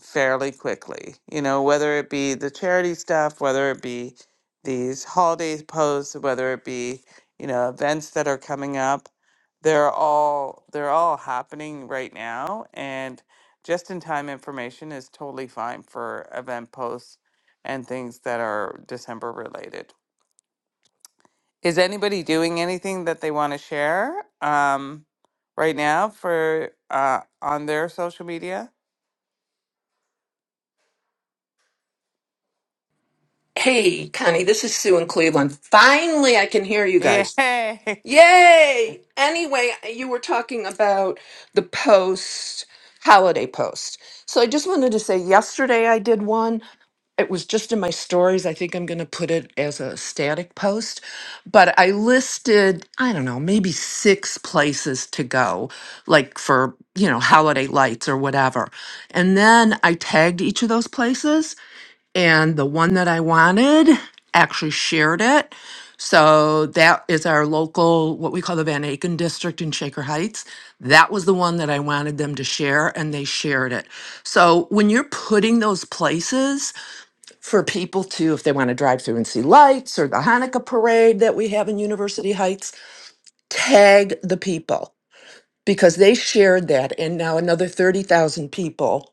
Speaker 1: fairly quickly. You know, whether it be the charity stuff, whether it be these holidays posts, whether it be, you know, events that are coming up, they're all, they're all happening right now. And just in time information is totally fine for event posts and things that are December related. Is anybody doing anything that they want to share um, right now for uh, on their social media?
Speaker 10: Hey, Connie, this is Sue in Cleveland. Finally, I can hear you guys.
Speaker 1: Yay!
Speaker 10: Yay! Anyway, you were talking about the post holiday post. So I just wanted to say yesterday I did one. It was just in my stories. I think I'm going to put it as a static post, but I listed, I don't know, maybe six places to go, like for, you know, holiday lights or whatever. And then I tagged each of those places and the one that I wanted actually shared it. So that is our local, what we call the Van Aken district in Shaker Heights. That was the one that I wanted them to share, and they shared it. So when you're putting those places for people to, if they want to drive through and see lights or the Hanukkah parade that we have in University Heights, tag the people because they shared that. And now another 30,000 people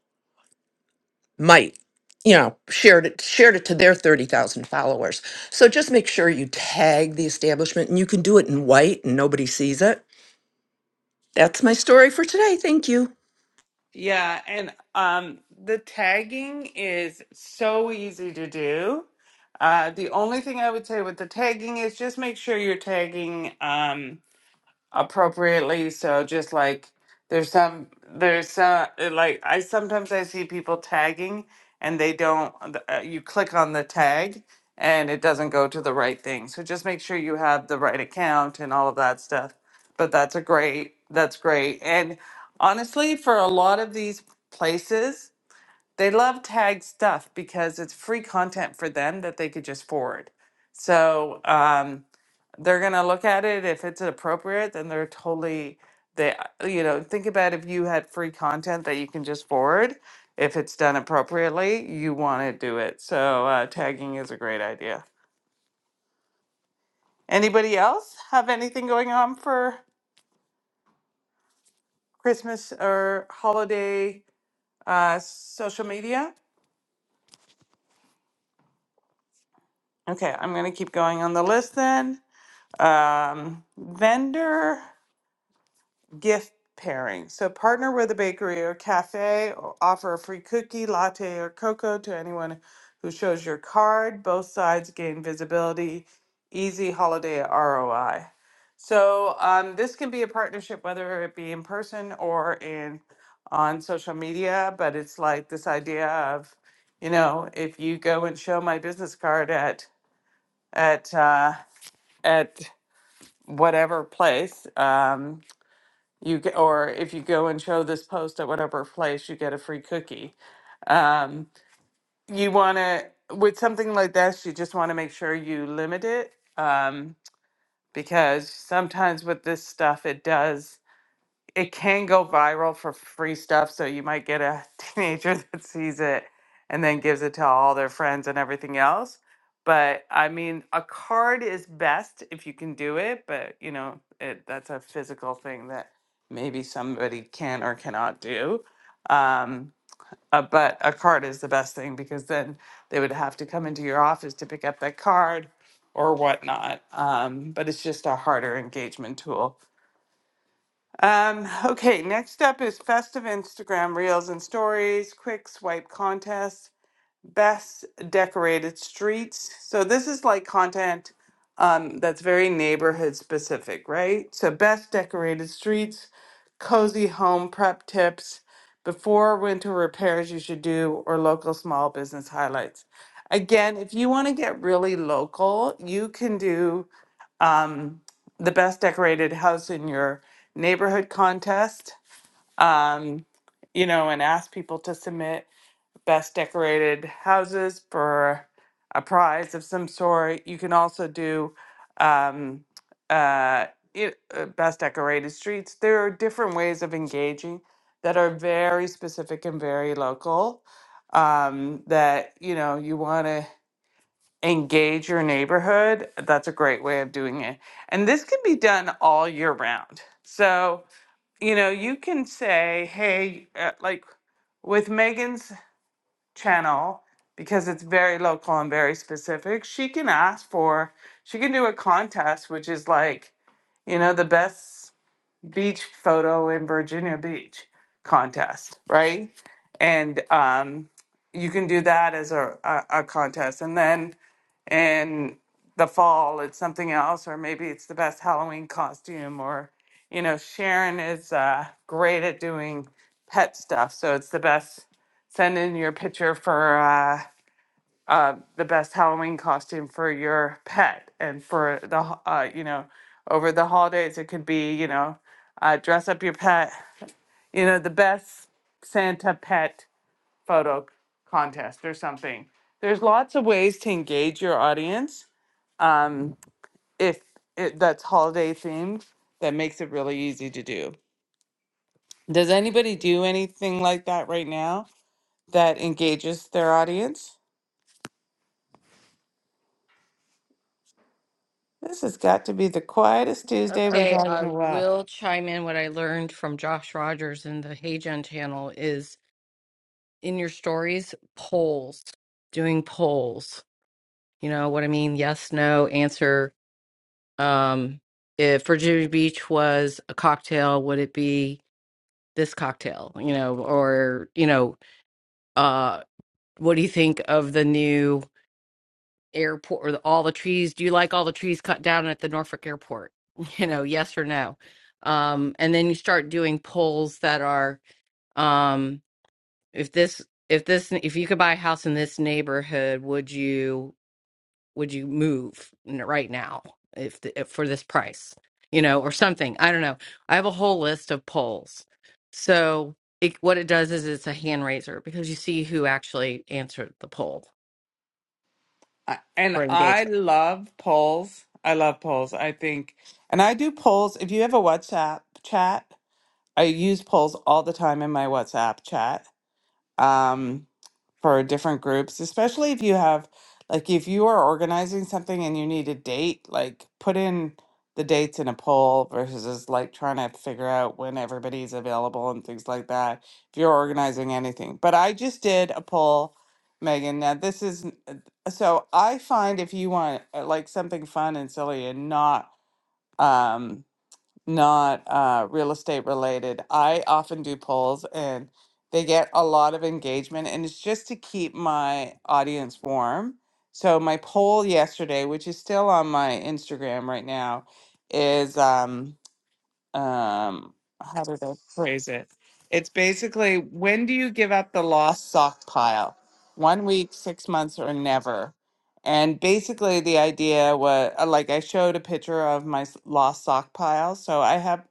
Speaker 10: might you know shared it shared it to their 30,000 followers. So just make sure you tag the establishment and you can do it in white and nobody sees it. That's my story for today. Thank you.
Speaker 1: Yeah, and um, the tagging is so easy to do. Uh, the only thing I would say with the tagging is just make sure you're tagging. Um, appropriately. So just like there's some there's some uh, like I sometimes I see people tagging and they don't uh, you click on the tag and it doesn't go to the right thing. So just make sure you have the right account and all of that stuff. But that's a great that's great. And honestly, for a lot of these places, they love tag stuff because it's free content for them that they could just forward. So, um, they're gonna look at it if it's appropriate then they're totally they uh, you know think about if you had free content that you can just forward if it's done appropriately you want to do it so uh, tagging is a great idea anybody else have anything going on for christmas or holiday uh, social media okay i'm gonna keep going on the list then um, vendor gift pairing. So partner with a bakery or cafe, or offer a free cookie, latte, or cocoa to anyone who shows your card. Both sides gain visibility, easy holiday ROI. So um, this can be a partnership, whether it be in person or in on social media. But it's like this idea of, you know, if you go and show my business card at at uh, at whatever place. um, you get, or if you go and show this post at whatever place, you get a free cookie. Um, you want to, with something like this, you just want to make sure you limit it um, because sometimes with this stuff, it does it can go viral for free stuff. So you might get a teenager that sees it and then gives it to all their friends and everything else. But I mean, a card is best if you can do it, but you know, it, that's a physical thing that maybe somebody can or cannot do. Um, uh, but a card is the best thing because then they would have to come into your office to pick up that card or whatnot. Um, but it's just a harder engagement tool um, okay, next up is festive Instagram reels and stories, quick swipe contests, best decorated streets. So this is like content um, that's very neighborhood specific, right? So best decorated streets, cozy home prep tips, before winter repairs you should do, or local small business highlights. Again, if you want to get really local, you can do um, the best decorated house in your neighborhood contest, um, you know, and ask people to submit best decorated houses for a prize of some sort. You can also do um, uh, it, uh, best decorated streets. There are different ways of engaging that are very specific and very local um, that, you know, you want to engage your neighborhood, that's a great way of doing it. And this can be done all year round. So, you know, you can say, hey, uh, like with Megan's channel, because it's very local and very specific, she can ask for, she can do a contest, which is like, you know, the best beach photo in Virginia Beach contest, right? And um, you can do that as a, a, a contest. And then and the fall it's something else or maybe it's the best halloween costume or you know sharon is uh, great at doing pet stuff so it's the best send in your picture for uh, uh, the best halloween costume for your pet and for the ho- uh, you know over the holidays it could be you know uh, dress up your pet you know the best santa pet photo contest or something there's lots of ways to engage your audience um, if it, that's holiday themed, that makes it really easy to do. Does anybody do anything like that right now that engages their audience? This has got to be the quietest Tuesday we've
Speaker 9: Okay,
Speaker 1: had in
Speaker 9: I
Speaker 1: a while.
Speaker 9: will chime in. What I learned from Josh Rogers in the Hey Gen channel is in your stories, polls, doing polls. You know what I mean? Yes, no, answer. Um, if Virginia Beach was a cocktail, would it be this cocktail? You know, or, you know, uh, what do you think of the new? airport or the, all the trees do you like all the trees cut down at the norfolk airport you know yes or no um and then you start doing polls that are um if this if this if you could buy a house in this neighborhood would you would you move n- right now if, the, if for this price you know or something i don't know i have a whole list of polls so it, what it does is it's a hand raiser because you see who actually answered the poll
Speaker 1: I- And
Speaker 9: for
Speaker 1: I
Speaker 9: engagement
Speaker 1: love polls. I love polls. I think, and I do polls. If you have a WhatsApp chat, I use polls all the time in my WhatsApp chat. Um, for different groups, especially if you have like if you are organizing something and you need a date, like put in the dates in a poll versus like trying to figure out when everybody's available and things like that. If you're organizing anything. But I just did a poll, Megan. Now this is n- uh, so I find if you want uh, like something fun and silly and not um not uh, real estate related. I often do polls and they get a lot of engagement, and it's just to keep my audience warm. So, my poll yesterday, which is still on my Instagram right now, is. Um, um how did I phrase it? It's basically when do you give up the lost sock pile? One week, six months, or never. And basically, the idea was uh, like I showed a picture of my s- lost sock pile. So I have,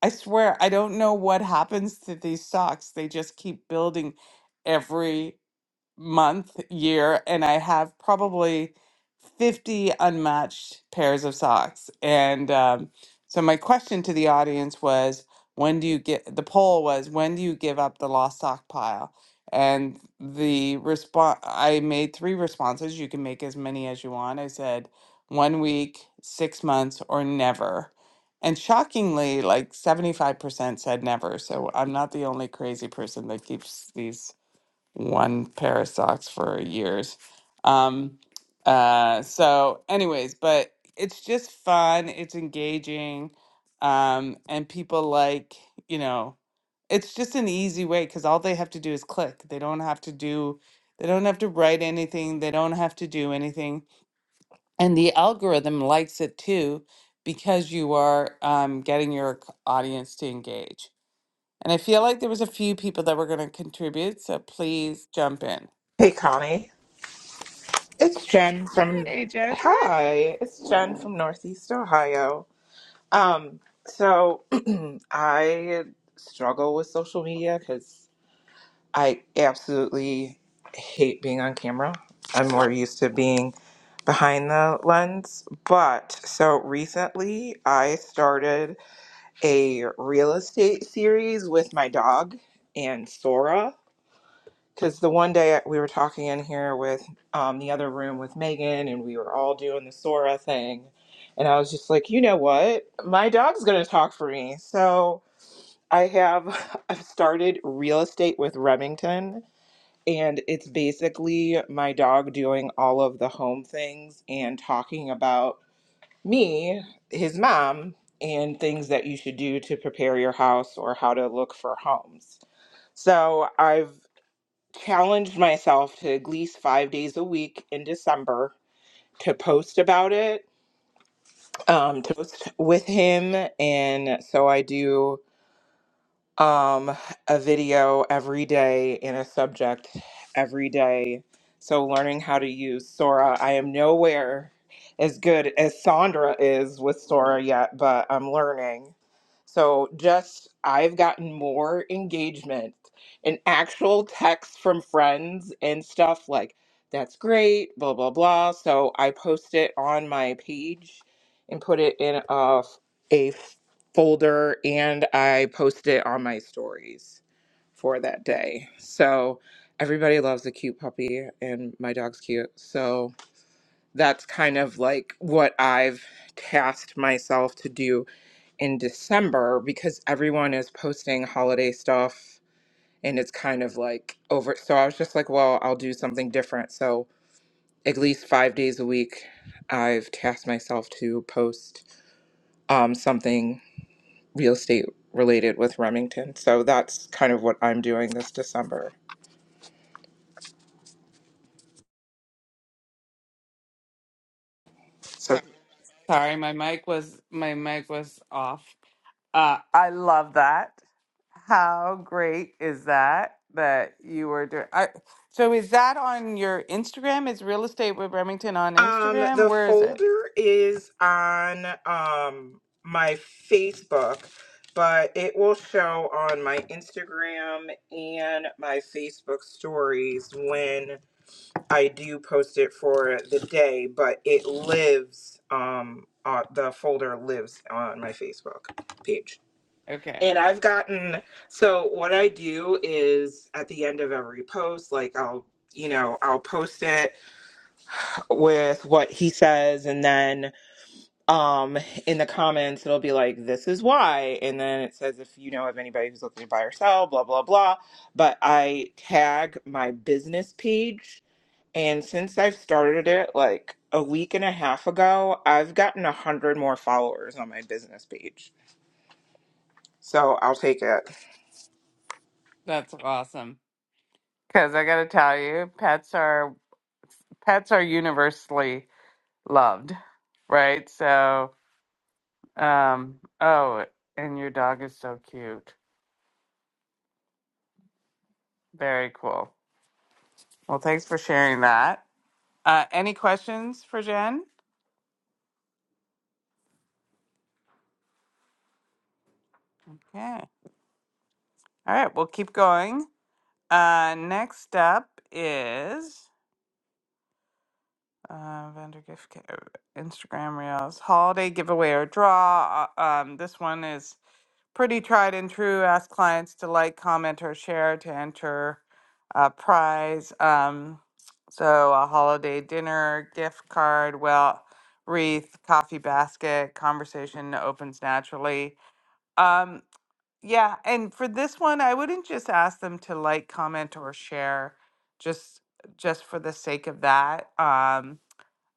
Speaker 1: I swear, I don't know what happens to these socks. They just keep building every month, year, and I have probably 50 unmatched pairs of socks. And um, so my question to the audience was, when do you get the poll was when do you give up the lost sock pile? And the response I made three responses. You can make as many as you want. I said one week, six months, or never. And shockingly, like 75% said never. So I'm not the only crazy person that keeps these one pair of socks for years. Um, uh, so, anyways, but it's just fun. It's engaging, um, and people like you know. It's just an easy way because all they have to do is click. They don't have to do. They don't have to write anything. They don't have to do anything, and the algorithm likes it too because you are um, getting your c- audience to engage. And I feel like there was a few people that were going to contribute, so please jump in.
Speaker 11: Hey Connie, it's Jen from Hi, it's Jen from Northeast Ohio. Um, so I struggle with social media because I absolutely hate being on camera. I'm more used to being behind the lens. But so recently I started a real estate series with my dog and Sora. because the one day we were talking in here with um, the other room with Megan, and we were all doing the Sora thing, and I was just like, you know what, my dog's gonna talk for me. So I have I've started real estate with Remington, and it's basically my dog doing all of the home things and talking about me, his mom, and things that you should do to prepare your house or how to look for homes. So I've challenged myself to at least five days a week in December to post about it, um, to post with him. And so I do um, a video every day in a subject every day. So learning how to use Sora. I am nowhere as good as Sandra is with Sora yet, but I'm learning. So just I've gotten more engagement and actual texts from friends and stuff like that's great, blah blah blah. So I post it on my page and put it in a, a folder and I posted it on my stories for that day. So everybody loves a cute puppy and my dog's cute. So that's kind of like what I've tasked myself to do in December because everyone is posting holiday stuff and it's kind of like over. So I was just like, well, I'll do something different. So at least five days a week, I've tasked myself to post um, something real estate related with Remington. So that's kind of what I'm doing this December. So
Speaker 1: Sorry, my mic was my mic was off. Uh, I love that. How great is that that you were doing? I, so is that on your Instagram? Is real estate with Remington on
Speaker 11: um
Speaker 1: Instagram?
Speaker 11: the
Speaker 1: Where is it?
Speaker 11: folder is on um my Facebook, but it will show on my Instagram and my Facebook stories when I do post it for the day, but it lives um uh, the folder lives on my Facebook page.
Speaker 1: Okay,
Speaker 11: And I've gotten so what I do is at the end of every post, like I'll you know I'll post it with what he says, and then um in the comments it'll be like this is why, and then it says if you know of anybody who's looking to buy or sell, blah blah blah. But I tag my business page, and since I've started it like a week and a half ago, I've gotten a hundred more followers on my business page. So I'll take it.
Speaker 1: that's awesome. Because I got to tell you, pets are pets are universally loved, right? So, um, oh, and your dog is so cute. Very cool. Well, thanks for sharing that. Uh, any questions for Jen? Okay. All right, we'll keep going. Uh, next up is uh, vendor gift ca- uh, Instagram Reels holiday giveaway or draw. Uh, um, this one is pretty tried and true. Ask clients to like, comment, or share to enter a prize. Um, so a holiday dinner, gift card, well, wreath, coffee basket, conversation opens naturally. Um, Yeah, and for this one, I wouldn't just ask them to like, comment, or share, just just for the sake of that. Um,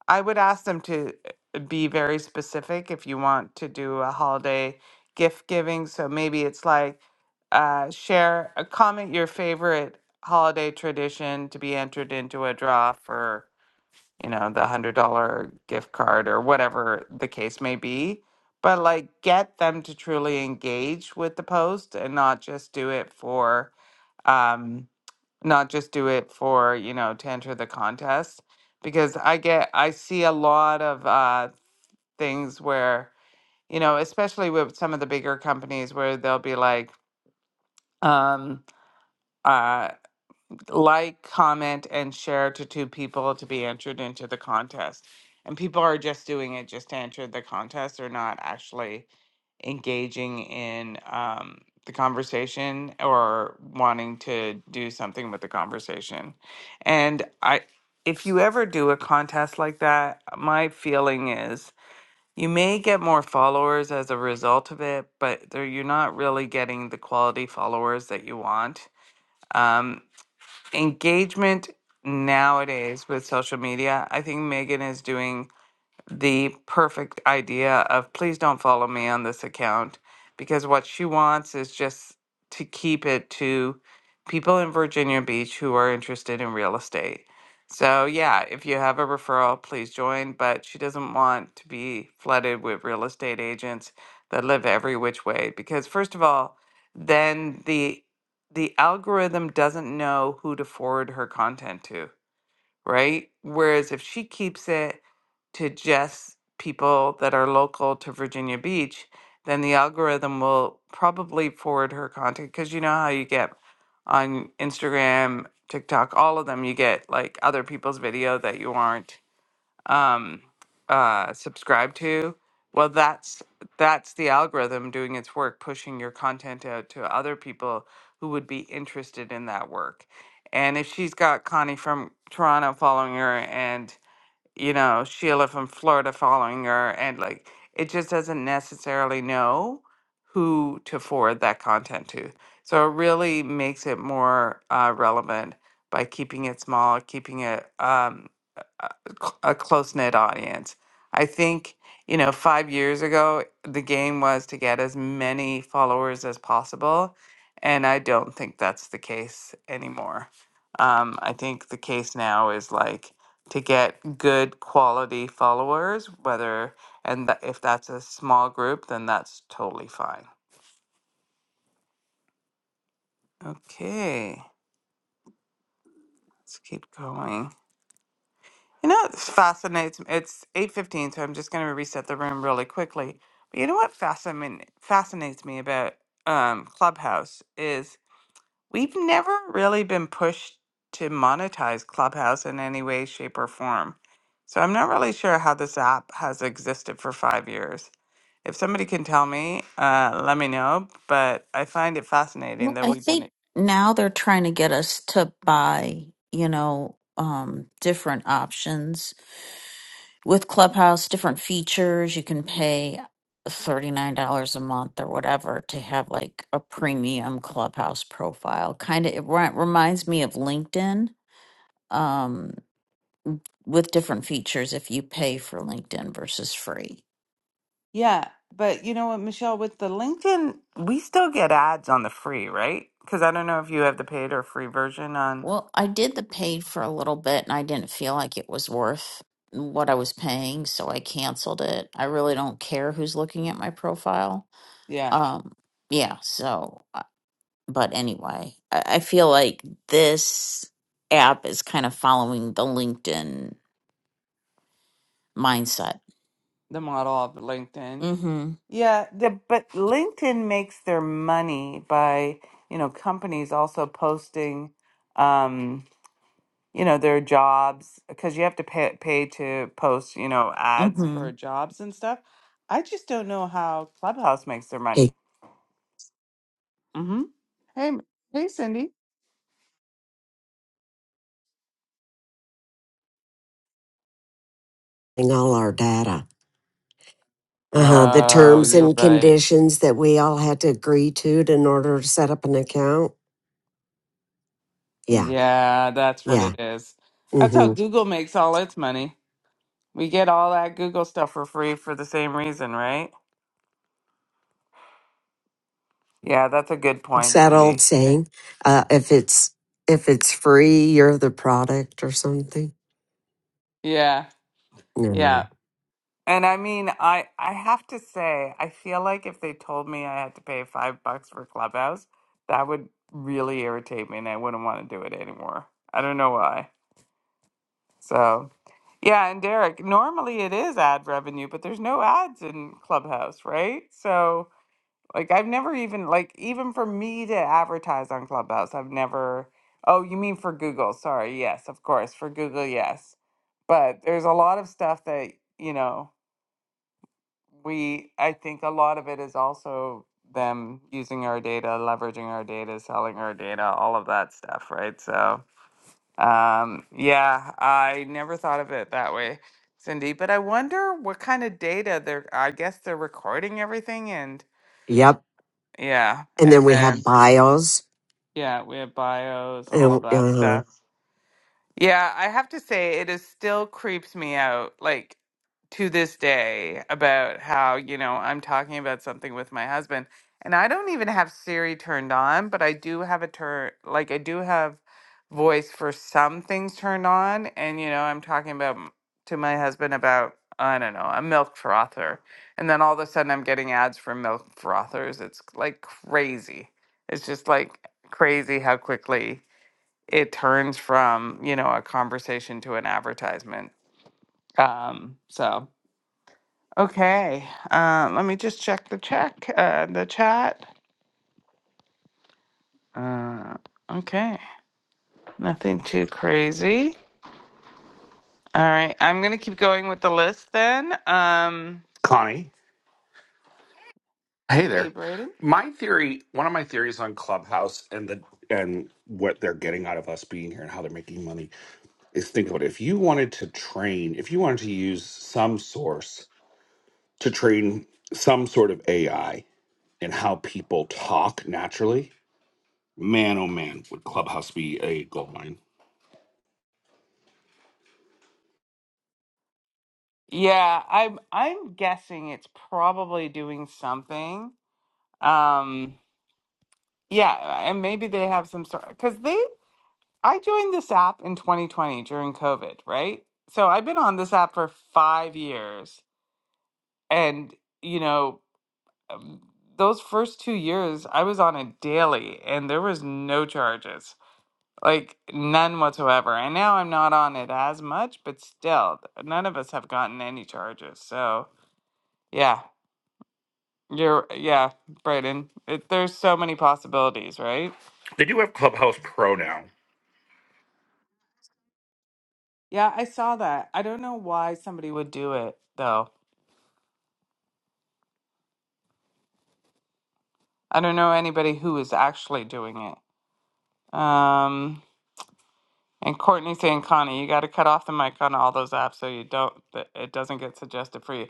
Speaker 1: I would ask them to uh, be very specific if you want to do a holiday gift giving. So maybe it's like uh, share, uh, comment your favorite holiday tradition to be entered into a draw for you know, the hundred dollar gift card or whatever the case may be. But like get them to truly engage with the post and not just do it for um not just do it for, you know, to enter the contest. Because I get I see a lot of uh things where, you know, especially with some of the bigger companies where they'll be like, um uh, like, comment, and share to two people to be entered into the contest. And people are just doing it just to enter the contest. They're not actually engaging in um, the conversation or wanting to do something with the conversation. And I, if you ever do a contest like that, my feeling is you may get more followers as a result of it, but they're- you're not really getting the quality followers that you want. Um, engagement nowadays with social media, I think Megan is doing the perfect idea of please don't follow me on this account because what she wants is just to keep it to people in Virginia Beach who are interested in real estate. So, yeah, if you have a referral, please join, but she doesn't want to be flooded with real estate agents that live every which way because first of all, then the the algorithm doesn't know who to forward her content to right? Whereas if she keeps it to just people that are local to Virginia Beach, then the algorithm will probably forward her content because you know how you get on Instagram, TikTok, all of them, you get like other people's video that you aren't um, uh, subscribe to, well, that's that's the algorithm doing its work, pushing your content out to other people who would be interested in that work. And if she's got Connie from Toronto following her, and you know, Sheila from Florida following her, and like it just doesn't necessarily know who to forward that content to. So it really makes it more uh, relevant by keeping it small, keeping it um, a, a close knit audience. I think, you know, five years ago, the game was to get as many followers as possible. And I don't think that's the case anymore. Um, I think the case now is like, to get good quality followers whether and tha- if that's a small group then that's totally fine okay let's keep going you know it fascinates me. it's 8.15 so i'm just going to reset the room really quickly but you know what fascin- fascinates me about um, clubhouse is we've never really been pushed to monetize clubhouse in any way shape or form so i'm not really sure how this app has existed for five years If somebody can tell me, uh, let me know. But I find it fascinating
Speaker 12: Well,
Speaker 1: that
Speaker 12: I
Speaker 1: we've
Speaker 12: think
Speaker 1: been.
Speaker 12: now they're trying to get us to buy, you know, um, different options with Clubhouse, different features. You can pay $39 a month or whatever to have like a premium Clubhouse profile. Kind of, it ri- reminds me of LinkedIn, um, with different features if you pay for LinkedIn versus free.
Speaker 1: Yeah, but you know what, Michelle, with the LinkedIn, we still get ads on the free, right? Because I don't know if you have the paid or free version on.
Speaker 12: Well, I did the paid for a little bit and I didn't feel like it was worth what I was paying, so I canceled it. I really don't care who's looking at my profile.
Speaker 1: Yeah,
Speaker 12: Um, yeah, so, uh, but anyway, I, I feel like this app is kind of following the LinkedIn mindset.
Speaker 1: the model of LinkedIn.
Speaker 12: Mm hmm.
Speaker 1: Yeah, the but LinkedIn makes their money by you know companies also posting. Um, you know their jobs because you have to pay pay to post you know
Speaker 12: Mm
Speaker 1: ads
Speaker 12: hmm.
Speaker 1: for jobs and stuff. I just don't know how Clubhouse makes their
Speaker 7: Hey,
Speaker 1: money. Mm-hmm. Hey, M- hey, Cindy.
Speaker 7: getting all our data. Uh huh. The
Speaker 1: Oh,
Speaker 7: terms
Speaker 1: you're
Speaker 7: and
Speaker 1: right.
Speaker 7: conditions that we all had to agree to to- in order to set up an account. Yeah,
Speaker 1: Yeah, that's what
Speaker 7: yeah.
Speaker 1: it is. That's how
Speaker 7: Mm-hmm.
Speaker 1: Google makes all its money. We get all that Google stuff for free for the same reason, right? Yeah, that's a good
Speaker 7: What's
Speaker 1: point,
Speaker 7: that old
Speaker 1: Cindy. Eh,
Speaker 7: saying? Uh, if it's if it's free, you're the product or something.
Speaker 1: Yeah,
Speaker 7: No. no,
Speaker 1: yeah.
Speaker 7: no.
Speaker 1: And I mean, I I have to say, I feel like if they told me I had to pay five bucks for Clubhouse, that would really irritate me, and I wouldn't want to do it anymore. I don't know why. So yeah, and Derek, normally it is ad revenue, but there's no ads in Clubhouse, right? So like, I've never even like even for me to advertise on Clubhouse, I've never. Oh, you mean for Google? Sorry, yes, of course, for Google, yes. But there's a lot of stuff that you know we i think a lot of it is also them using our data leveraging our data selling our data all of that stuff right so um yeah i never thought of it that way cindy but i wonder what kind of data they're i guess they're recording everything and
Speaker 7: Yep.
Speaker 1: yeah
Speaker 7: And
Speaker 1: and
Speaker 7: then
Speaker 1: Yeah.
Speaker 7: we have
Speaker 1: then
Speaker 7: bios.
Speaker 1: yeah we have bios all
Speaker 7: And,
Speaker 1: of that
Speaker 7: uh-huh.
Speaker 1: stuff Yeah, I have to say it is still creeps me out like to this day about how, you know, I'm talking about something with my husband and I don't even have Siri turned on, but I do have a turn like I do have voice for some things turned on and you know, I'm talking about m- to my husband about I don't know, a milk frother. And then all of a sudden I'm getting ads for milk frothers. It's like crazy. It's just like crazy how quickly it turns from you know a conversation to an advertisement um so okay um let me just check the check uh the chat uh okay nothing too crazy all right i'm gonna keep going with the list then um
Speaker 13: Connie. Hey
Speaker 1: hey
Speaker 13: there.
Speaker 1: braden
Speaker 13: My theory, one of my theories on Clubhouse and the and what they're getting out of us being here and how they're making money is think about it. If you wanted to train, if you wanted to use some source to train some sort of AI in how people talk naturally, man oh man, would Clubhouse be a gold mine.
Speaker 1: yeah i'm i'm guessing it's probably doing something um yeah and maybe they have some sort because they I joined this app in 2020 during COVID, right? So I've been on this app for five years. And, you know, um, those first two years, I was on it daily and there was no charges, like none whatsoever. And now I'm not on it as much, but still, none of us have gotten any charges. So, yeah, you're, yeah, Brayden, it, there's so many possibilities, right?
Speaker 13: They do have Clubhouse Pro now.
Speaker 1: Yeah, I saw that. I don't know why somebody would do it, though. I don't know anybody who is actually doing it. Um, and Courtney saying, Connie, you got to cut off the mic on all those apps so you don't that it doesn't get suggested for you.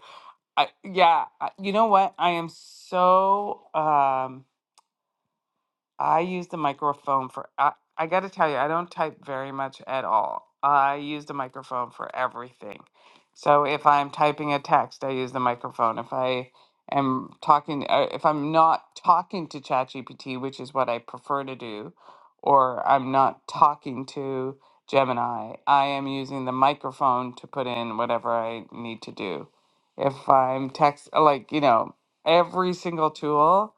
Speaker 1: I yeah, I, you know what? I am so um I use the microphone for, I, I got to tell you, I don't type very much at all. I use the microphone for everything. So if I'm typing a text, I use the microphone. If I am talking, uh, if I'm not talking to ChatGPT, which is what I prefer to do, or I'm not talking to Gemini, I am using the microphone to put in whatever I need to do. If I'm text, like, you know, every single tool.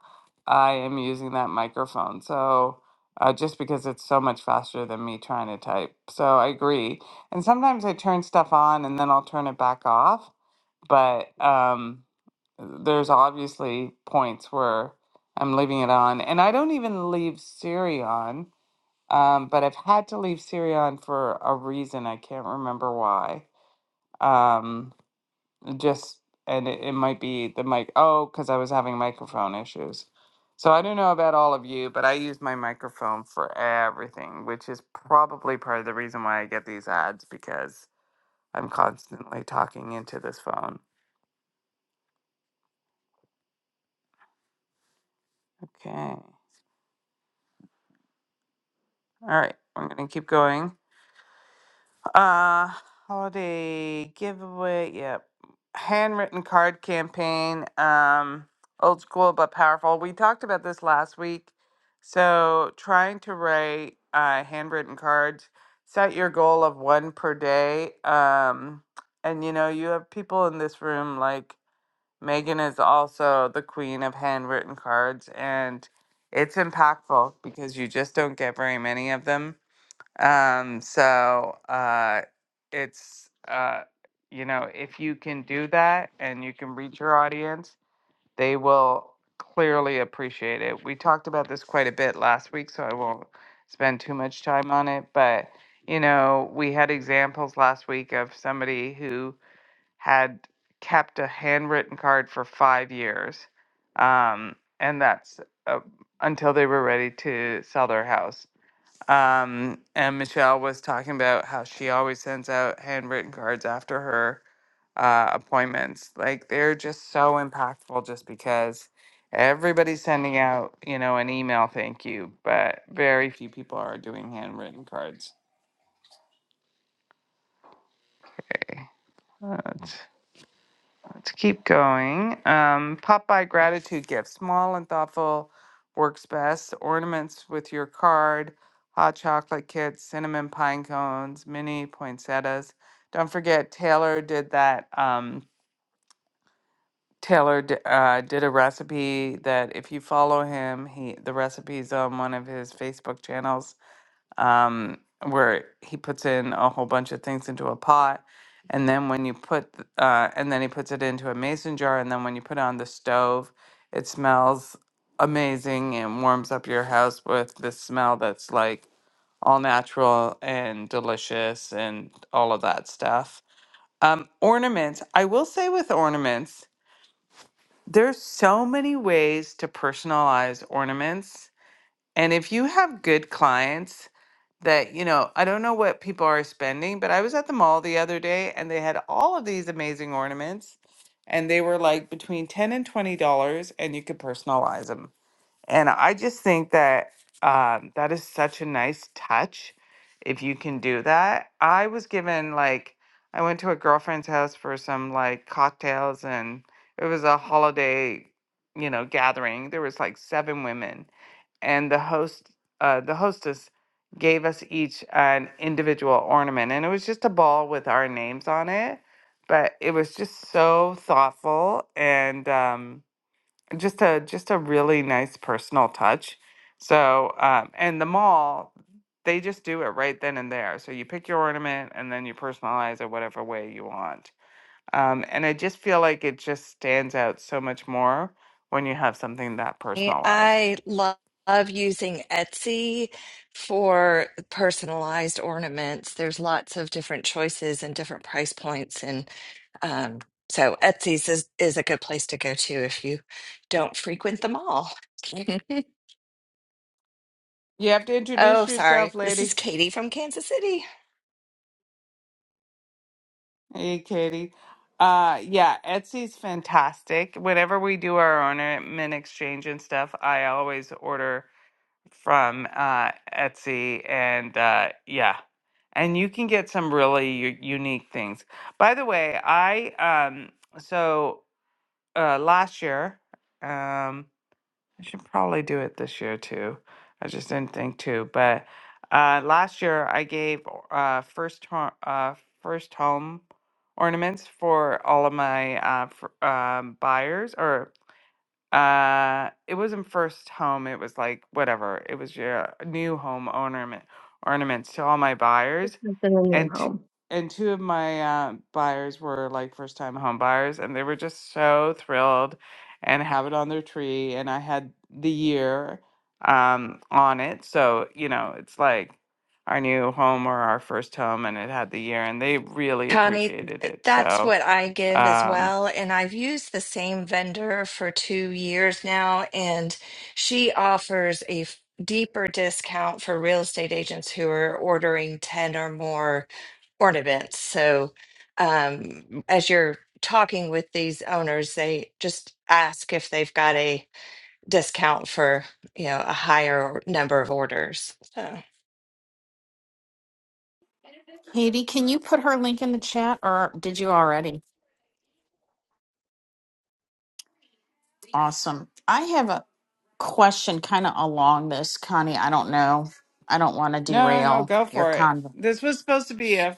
Speaker 1: I am using that microphone. So, uh, just because it's so much faster than me trying to type. So, I agree. And sometimes I turn stuff on and then I'll turn it back off. But um, there's obviously points where I'm leaving it on. And I don't even leave Siri on. Um, but I've had to leave Siri on for a reason. I can't remember why. Um, just and it, it might be the mic oh because i was having microphone issues so i don't know about all of you but i use my microphone for everything which is probably part of the reason why i get these ads because i'm constantly talking into this phone okay all right i'm going to keep going Uh, holiday giveaway. Yep. Handwritten card campaign. Um, old school but powerful. We talked about this last week. So, trying to write uh, handwritten cards, set your goal of one per day. Um, and you know, you have people in this room like Megan is also the queen of handwritten cards, and it's impactful because you just don't get very many of them um, so uh, it's uh, you know if you can do that and you can reach your audience, they will clearly appreciate it. We talked about this quite a bit last week, so I won't spend too much time on it. But you know we had examples last week of somebody who had kept a handwritten card for five years, um, and that's uh, until they were ready to sell their house um, and Michelle was talking about how she always sends out handwritten cards after her uh, appointments. Like they're just so impactful just because everybody's sending out, you know, an email thank you, but very few people are doing handwritten cards. Okay. Uh, Let's keep going. Um, pop by gratitude gift. Small and thoughtful works best. Ornaments with your card, hot chocolate kits, cinnamon pine cones, mini poinsettias. Don't forget, Taylor did that. Um, Taylor d- uh, did a recipe that if you follow him, he the recipe's on one of his Facebook channels um, where he puts in a whole bunch of things into a pot. And then when you put, th- uh, and then he puts it into a mason jar. And then when you put it on the stove, it smells amazing and warms up your house with this smell that's like all natural and delicious and all of that stuff. Um, ornaments, I will say with ornaments, there's so many ways to personalize ornaments and if you have good clients that, you know, I don't know what people are spending, but I was at the mall the other day and they had all of these amazing ornaments and they were like between 10 and $20 and you could personalize them. And I just think that um, that is such a nice touch if you can do that. I was given like I went to a girlfriend's house for some like cocktails and it was a holiday, you know, gathering. There was like seven women and the host uh, the hostess gave us each an individual ornament and it was just a ball with our names on it but it was just so thoughtful and um, just a just a really nice personal touch. So um, and the mall, they just do it right then and there. So you pick your ornament and then you personalize it whatever way you want. Um, and I just feel like it just stands out so much more when you have something that personalized.
Speaker 14: I love, love using Etsy for personalized ornaments. There's lots of different choices and different price points, and um, so Etsy's is, is a good place to go to if you don't frequent them all.
Speaker 1: You have to
Speaker 14: oh,
Speaker 1: introduce yourself,
Speaker 14: sorry. This is
Speaker 1: lady.
Speaker 14: Katie from Kansas City.
Speaker 1: Hey, Katie. Uh, yeah, Etsy's fantastic. Whenever we do our ornament exchange and stuff, I always order from uh, Etsy, and uh, yeah, and you can get some really u- unique things. By the way, I um, so uh, last year, um, I should probably do it this year too. I just didn't think to, but uh, last year I gave uh, first ho- uh, first home ornaments for all of my uh, fr- um, buyers or uh, it wasn't first home, it was like whatever. It was your new home ornament ornaments to all my
Speaker 15: It's
Speaker 1: buyers.
Speaker 15: something a new
Speaker 1: And two
Speaker 15: home.
Speaker 1: and two of my uh, buyers were like first time home buyers and they were just so thrilled and have it on their tree and I had the year um on it. So, you know, it's like our new home or our first home and it had the year and they really
Speaker 14: Connie,
Speaker 1: appreciated it.
Speaker 14: that's
Speaker 1: So,
Speaker 14: what I give as
Speaker 1: um.
Speaker 14: well. And I've used the same vendor for two years now, and she offers a f- deeper discount for real estate agents who are ordering 10 or more ornaments. So, um, as you're talking with these owners, they just ask if they've got a discount for, you know, a higher number of orders. So.
Speaker 12: Katie, can you put her link in the chat or did you already? Awesome. I have a question kind of along this, Connie. I don't know. I don't want to
Speaker 1: No, no, no,
Speaker 12: derail
Speaker 1: go
Speaker 12: your
Speaker 1: for it.
Speaker 12: con.
Speaker 1: This was supposed to be a,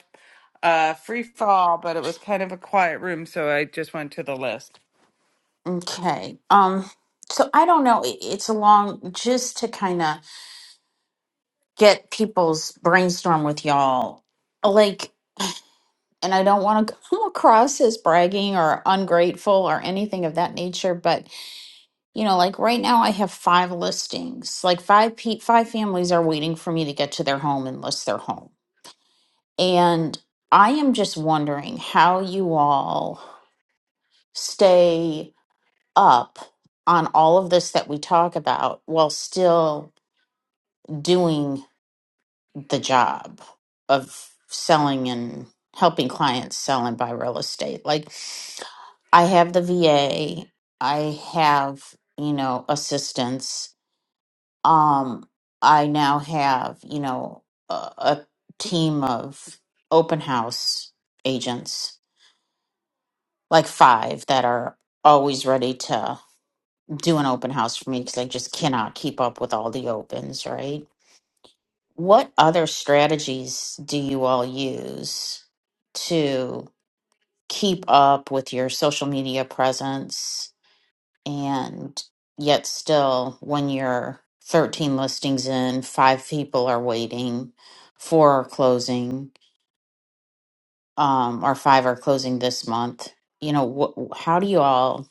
Speaker 1: a free fall, but it was kind of a quiet room, so I just went to the list.
Speaker 12: Okay. Um so I don't know. It- It's along just to kind of get people's brainstorm with y'all. Like and I don't want to come across as bragging or ungrateful or anything of that nature, but you know, like right now I have 5 listings. Like 5 pe- 5 families are waiting for me to get to their home and list their home And I am just wondering how you all stay up on all of this that we talk about while still doing the job of selling and helping clients sell and buy real estate. Like, I have the VA, I have, you know, assistance. Um, I now have, you know, a, a team of open house agents like five that are always ready to do an open house for me because I just cannot keep up with all the opens, right? What other strategies do you all use to keep up with your social media presence and yet still when you're 13 listings in, five people are waiting, four are closing, um, or five are closing this month? You know, wh- how do you all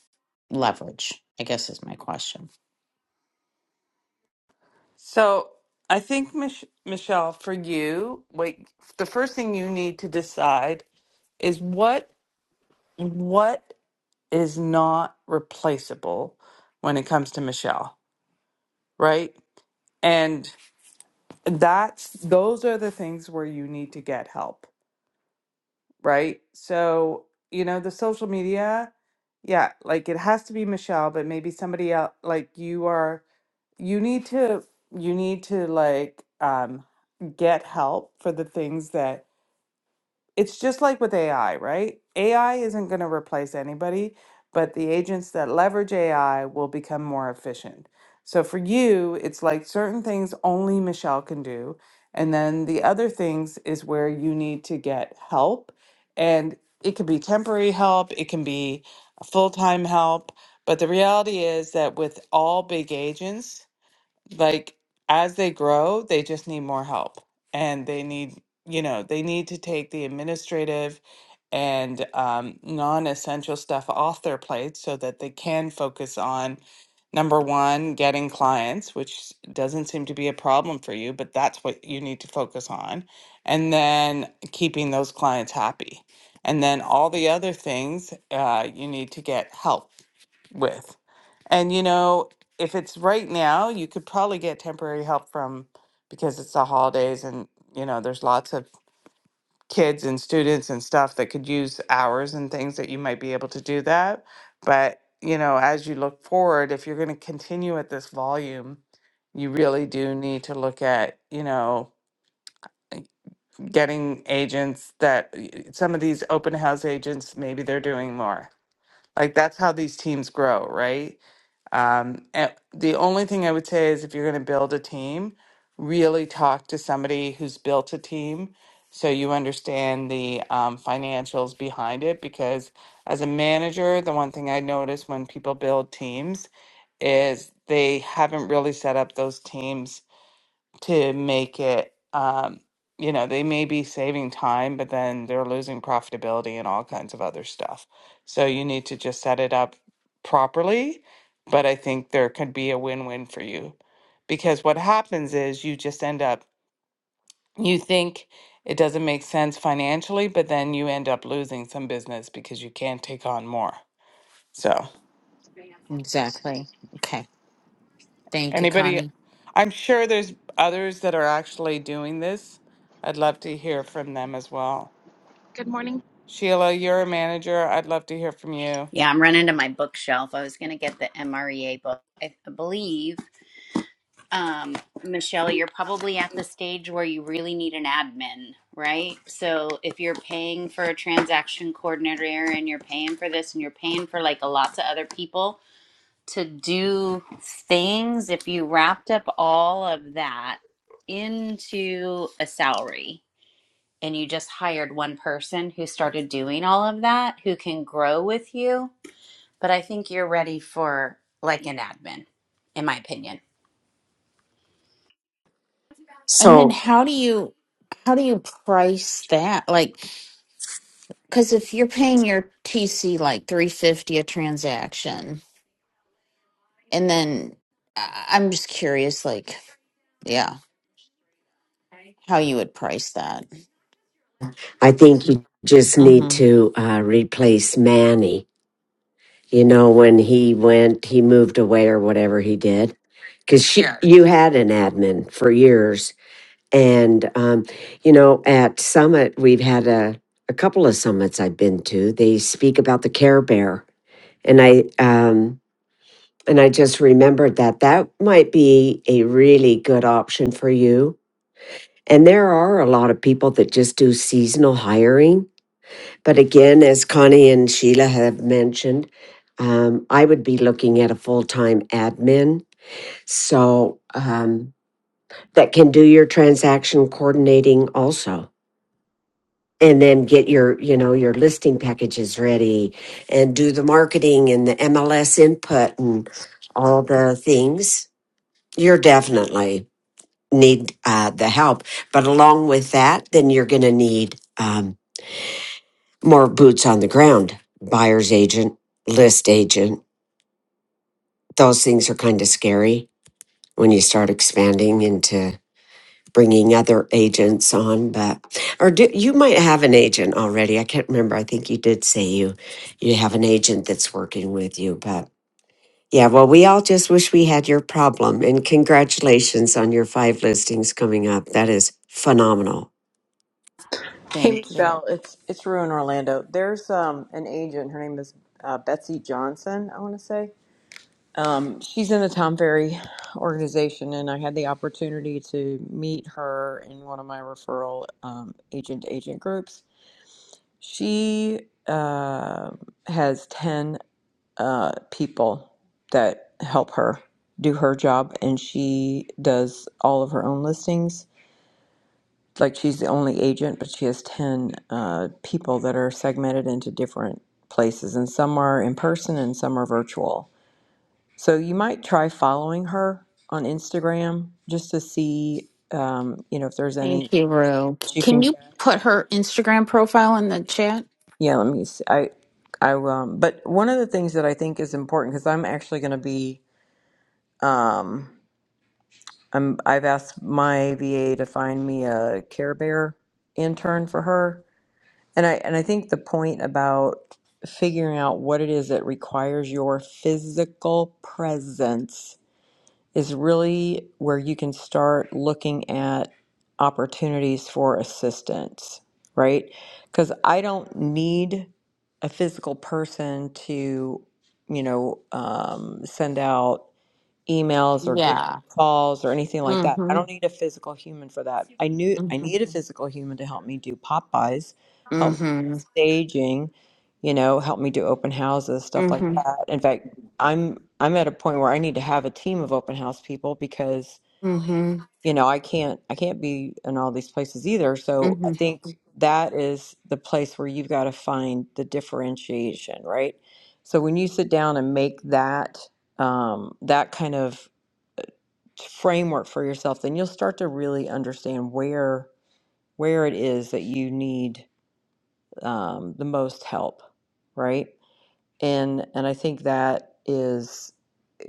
Speaker 12: leverage? I guess is my question.
Speaker 1: So I think, Mich- Michelle, for you, wait, the first thing you need to decide is what what is not replaceable when it comes to Michelle, right? And that's those are the things where you need to get help. right? So, you know, the social media, yeah, like it has to be Michelle, but maybe somebody else, like you are, you need to, you need to like um, get help for the things that it's just like with AI, right? AI isn't going to replace anybody, but the agents that leverage AI will become more efficient. So for you, it's like certain things only Michelle can do. And then the other things is where you need to get help. And it can be temporary help, it can be full time help. But the reality is that with all big agents, like as they grow, they just need more help and they need, you know, they need to take the administrative and um, non essential stuff off their plate so that they can focus on number one, getting clients, which doesn't seem to be a problem for you, but that's what you need to focus on. And then keeping those clients happy. And then all the other things, uh, you need to get help with. And you know, if it's right now, you could probably get temporary help from because it's the holidays and you know, there's lots of kids and students and stuff that could use hours and things that you might be able to do that. But, you know, as you look forward, if you're going to continue at this volume, you really do need to look at, you know, eh, getting agents that some of these open house agents maybe they're doing more. Like that's how these teams grow, right? Um, and the only thing I would say is if you're going to build a team, really talk to somebody who's built a team so you understand the um, financials behind it. Because as a manager, the one thing I notice when people build teams is they haven't really set up those teams to make it um you know they may be saving time but then they're losing profitability and all kinds of other stuff so you need to just set it up properly but i think there could be a win-win for you because what happens is you just end up you think it doesn't make sense financially but then you end up losing some business because you can't take on more so
Speaker 12: Exactly. Okay. Thank you,
Speaker 1: anybody
Speaker 12: Connie.
Speaker 1: i'm sure there's others that are actually doing this i'd love to hear from them as well
Speaker 16: Good morning,
Speaker 1: Sheila, you're a manager. I'd love to hear from you.
Speaker 17: Yeah, I'm running to my bookshelf. I was going to get the MREA book. I believe, um, Michelle, you're probably at the stage where you really need an admin, right? So if you're paying for a transaction coordinator and you're paying for this and you're paying for like a lots of other people to do things, if you wrapped up all of that into a salary and you just hired one person who started doing all of that, who can grow with you but I think you're ready for like an admin, in my opinion.
Speaker 12: And then
Speaker 7: So
Speaker 12: how do you how do you price that? Like cuz if you're paying your TC like 350 a transaction and then I- I'm just curious like yeah, how you would price that.
Speaker 7: I think you just need
Speaker 12: Mhm.
Speaker 7: to uh, replace Manny you know, when he went, he moved away or whatever he did. Because she, Yeah. you had an admin for years, and um, you know, at Summit, we've had a a couple of summits I've been to. They speak about the Care Bear, and I um, and I just remembered that that might be a really good option for you. And there are a lot of people that just do seasonal hiring but again, as Connie and Sheila have mentioned, um, I would be looking at a full time admin. So um, that can do your transaction coordinating also. And then get your, you know, your listing packages ready and do the marketing and the MLS input and all the things. You're definitely need uh, the help. But along with that, then you're going to need um, more boots on the ground buyer's agent list agent those things are kind of scary when you start expanding into bringing other agents on but or do, you might have an agent already i can't remember i think you did say you you have an agent that's working with you but yeah well we all just wish we had your problem and congratulations on your five listings coming up that is phenomenal
Speaker 18: Hey
Speaker 12: Thank you.
Speaker 18: Michelle, it's it's Rue in Orlando. There's um an agent. Her name is uh, Betsy Johnson. I want to say um she's in the Tom Ferry organization, and I had the opportunity to meet her in one of my referral um, agent agent groups. She uh, has ten uh, people that help her do her job, and she does all of her own listings like she's the only agent, but she has 10 uh, people that are segmented into different places, and some are in person and some are virtual. So you might try following her on Instagram just to see, um, you know, if there's
Speaker 12: Thank
Speaker 18: any
Speaker 12: you, Rue.
Speaker 18: she
Speaker 12: Can
Speaker 18: can.
Speaker 12: you put her Instagram profile in the chat?
Speaker 18: Yeah, let me see. I, I, um, but one of the things that I think is important because I'm actually going to be, um, I'm, I've asked my VA to find me a Care Bear intern for her And I and I think the point about figuring out what it is that requires your physical presence is really where you can start looking at opportunities for assistance, right? Cuz I don't need a physical person to, you know, um, send out emails or give
Speaker 12: Yeah.
Speaker 18: calls or anything like that. I
Speaker 12: Mm-hmm.
Speaker 18: don't need a physical human for that. I knew I
Speaker 12: Mm-hmm.
Speaker 18: need a physical human to help me do Popeyes, help me
Speaker 12: Mm-hmm.
Speaker 18: do staging, you know, help me do open houses, stuff like
Speaker 12: Mm-hmm.
Speaker 18: that. In fact, I'm I'm at a point where I need to have a team of open house people because,
Speaker 12: Mm-hmm.
Speaker 18: you know, I can't I can't be in all these places either. So I
Speaker 12: Mm-hmm.
Speaker 18: think that is the place where you've got to find the differentiation, right? So when you sit down and make that um, that kind of framework for yourself, then you'll start to really understand where where it is that you need um, the most help, right? And and I think that is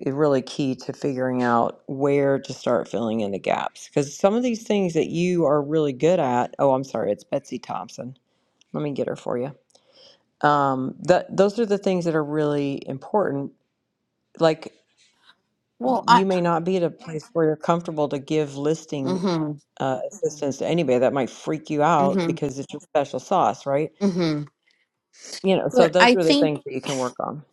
Speaker 18: i- really key to figuring out where to start filling in the gaps because some of these things that you are really good at. Oh, I'm sorry, it's Betsy Thompson. Let me get her for you. Um, that those are the things that are really important. Like
Speaker 12: Well, I.
Speaker 18: you may not be at a place where you're comfortable to give listing
Speaker 12: Mm-hmm.
Speaker 18: uh, assistance to anybody. That might freak you out
Speaker 12: Mm-hmm.
Speaker 18: because it's your special sauce, right?
Speaker 12: Mm-hmm.
Speaker 18: You know, so
Speaker 12: But I
Speaker 18: those are the
Speaker 12: think
Speaker 18: things that you can work on.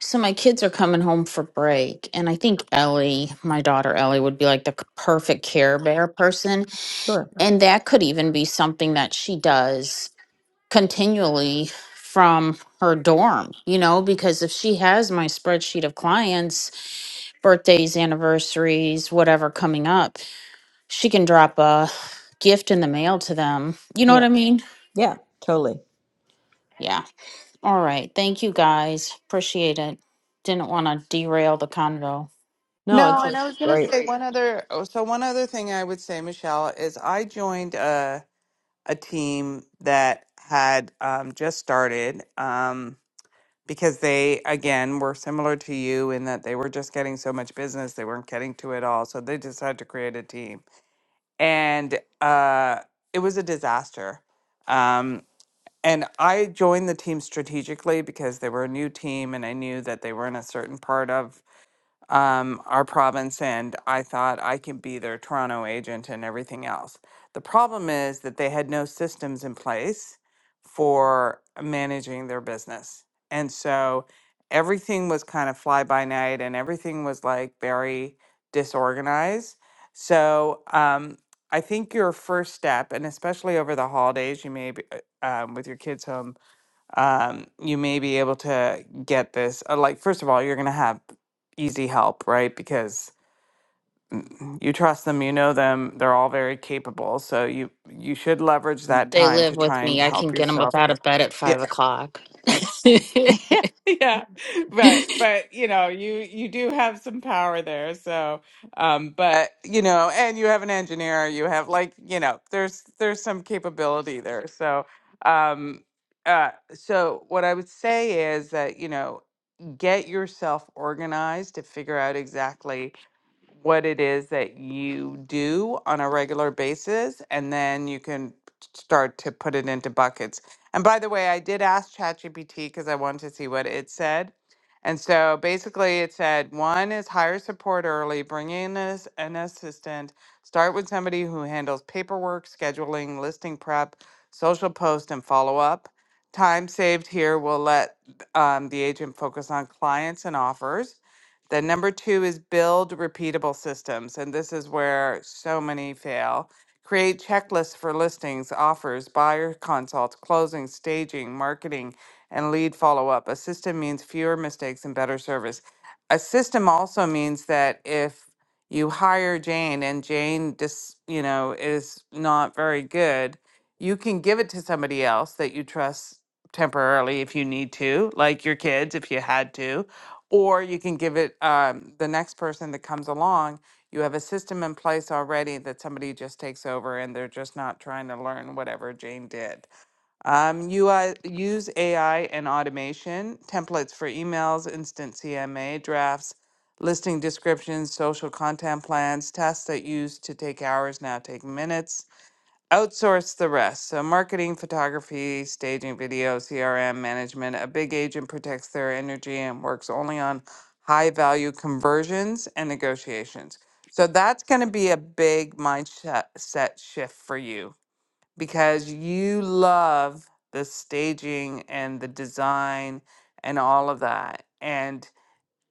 Speaker 12: So my kids are coming home for break, and I think Ellie, my daughter Ellie, would be like the c- perfect care bear person,
Speaker 18: Sure.
Speaker 12: and that could even be something that she does continually from her dorm. You know, because if she has my spreadsheet of clients, birthdays, anniversaries, whatever coming up, she can drop a gift in the mail to them. You know what
Speaker 18: Yeah.
Speaker 12: I mean?
Speaker 18: Yeah. Totally.
Speaker 12: Yeah. All right. Thank you guys. Appreciate it. Didn't want to derail the convo.
Speaker 18: No,
Speaker 1: No,
Speaker 18: it's
Speaker 1: and I was going to
Speaker 18: great.
Speaker 1: say one other. Oh, so one other thing I would say, Michelle, is I joined a a team that had um, just started um, because they again were similar to you in that they were just getting so much business they weren't getting to it all, so they decided to create a team, and uh, it was a disaster. Um, and I joined the team strategically because they were a new team, and I knew that they were in a certain part of um, our province, and I thought I could be their Toronto agent and everything else. The problem is that they had no systems in place for managing their business. And so everything was kind of fly by night and everything was like very disorganized. So um, I think your first step, and especially over the holidays, you may be uh, um, with your kids home um, you may be able to get this. uh, Like, first of all, you're going to have easy help, right? Because mm, you trust them, you know them, they're all very capable. So you you should leverage that
Speaker 12: They
Speaker 1: time
Speaker 12: live
Speaker 1: to
Speaker 12: with
Speaker 1: try and
Speaker 12: me. I can
Speaker 1: help
Speaker 12: get them up
Speaker 1: yourself.
Speaker 12: out of bed at
Speaker 1: Yeah,
Speaker 12: five o'clock.
Speaker 1: Yeah, right. But you know, you you do have some power there. So, um, but you know, and you have an engineer. You have like you know, there's there's some capability there. So, um, uh, so what I would say is that you know get yourself organized to figure out exactly what it is that you do on a regular basis, and then you can start to put it into buckets. And by the way, I did ask ChatGPT because I wanted to see what it said. And so basically, it said one is hire support early, bring in as an assistant, start with somebody who handles paperwork, scheduling, listing prep, social post, and follow up. Time saved here will let um, the agent focus on clients and offers. Then number two is build repeatable systems, and this is where so many fail. Create checklists for listings, offers, buyer consults, closing, staging, marketing, and lead follow up. A system means fewer mistakes and better service. A system also means that if you hire Jane and Jane just, you know, is not very good, you can give it to somebody else that you trust temporarily if you need to, like your kids if you had to, or you can give it um, the next person that comes along. You have a system in place already that somebody just takes over and they're just not trying to learn whatever Jane did. Um, you uh, use AI and automation, templates for emails, instant CMA drafts, listing descriptions, social content plans, tasks that used to take hours now take minutes outsource the rest. So marketing, photography, staging, video, CRM, management. A big agent protects their energy and works only on high value conversions and negotiations. So that's going to be a big mindset set shift for you because you love the staging and the design and all of that. And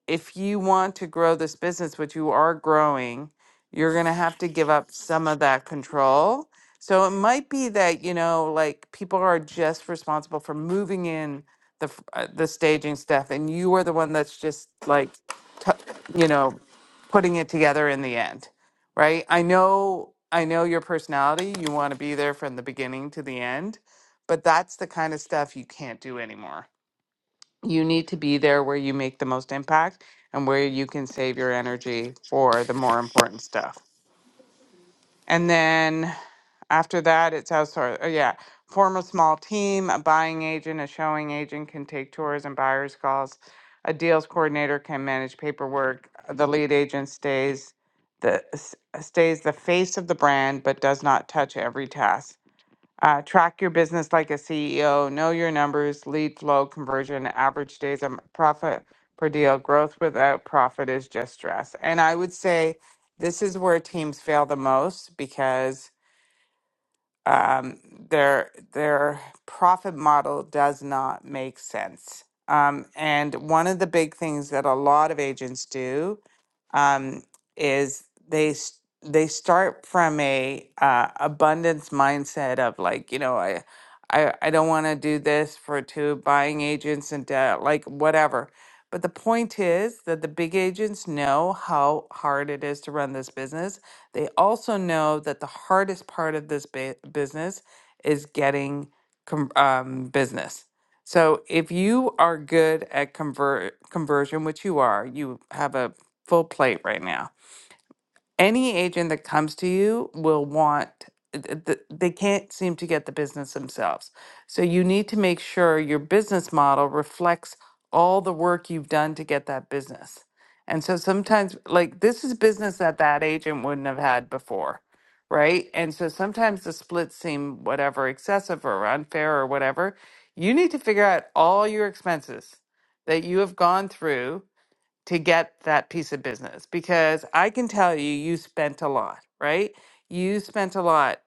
Speaker 1: if you want to grow this business, which you are growing, you're going to have to give up some of that control. So it might be that, you know, like people are just responsible for moving in the f- uh, the staging stuff and you are the one that's just like t- you know, putting it together in the end. Right? I know I know your personality, you want to be there from the beginning to the end, but that's the kind of stuff you can't do anymore you need to be there where you make the most impact and where you can save your energy for the more important stuff. And then after that, it's outsourced. Oh, yeah. Form a small team, a buying agent, a showing agent can take tours and buyer's calls. A deals coordinator can manage paperwork. The lead agent stays the s- stays the face of the brand but does not touch every task uh, track your business like a CEO. Know your numbers, lead flow, conversion, average days of profit per deal. Growth without profit is just stress. And I would say this is where teams fail the most because um, their their profit model does not make sense. Um, and one of the big things that a lot of agents do um, is they s- they start from a uh, abundance mindset of like you know I I, I don't want to do this for two buying agents and debt like whatever. But the point is that the big agents know how hard it is to run this business. They also know that the hardest part of this ba- business is getting com- um, business. So if you are good at convert conversion, which you are, you have a full plate right now. Any agent that comes to you will want, th- th- they can't seem to get the business themselves. So you need to make sure your business model reflects all the work you've done to get that business. And so sometimes, like, this is business that that agent wouldn't have had before, right? And so sometimes the splits seem whatever, excessive or unfair or whatever. You need to figure out all your expenses that you have gone through to get that piece of business because I can tell you, you spent a lot, right? You spent a lot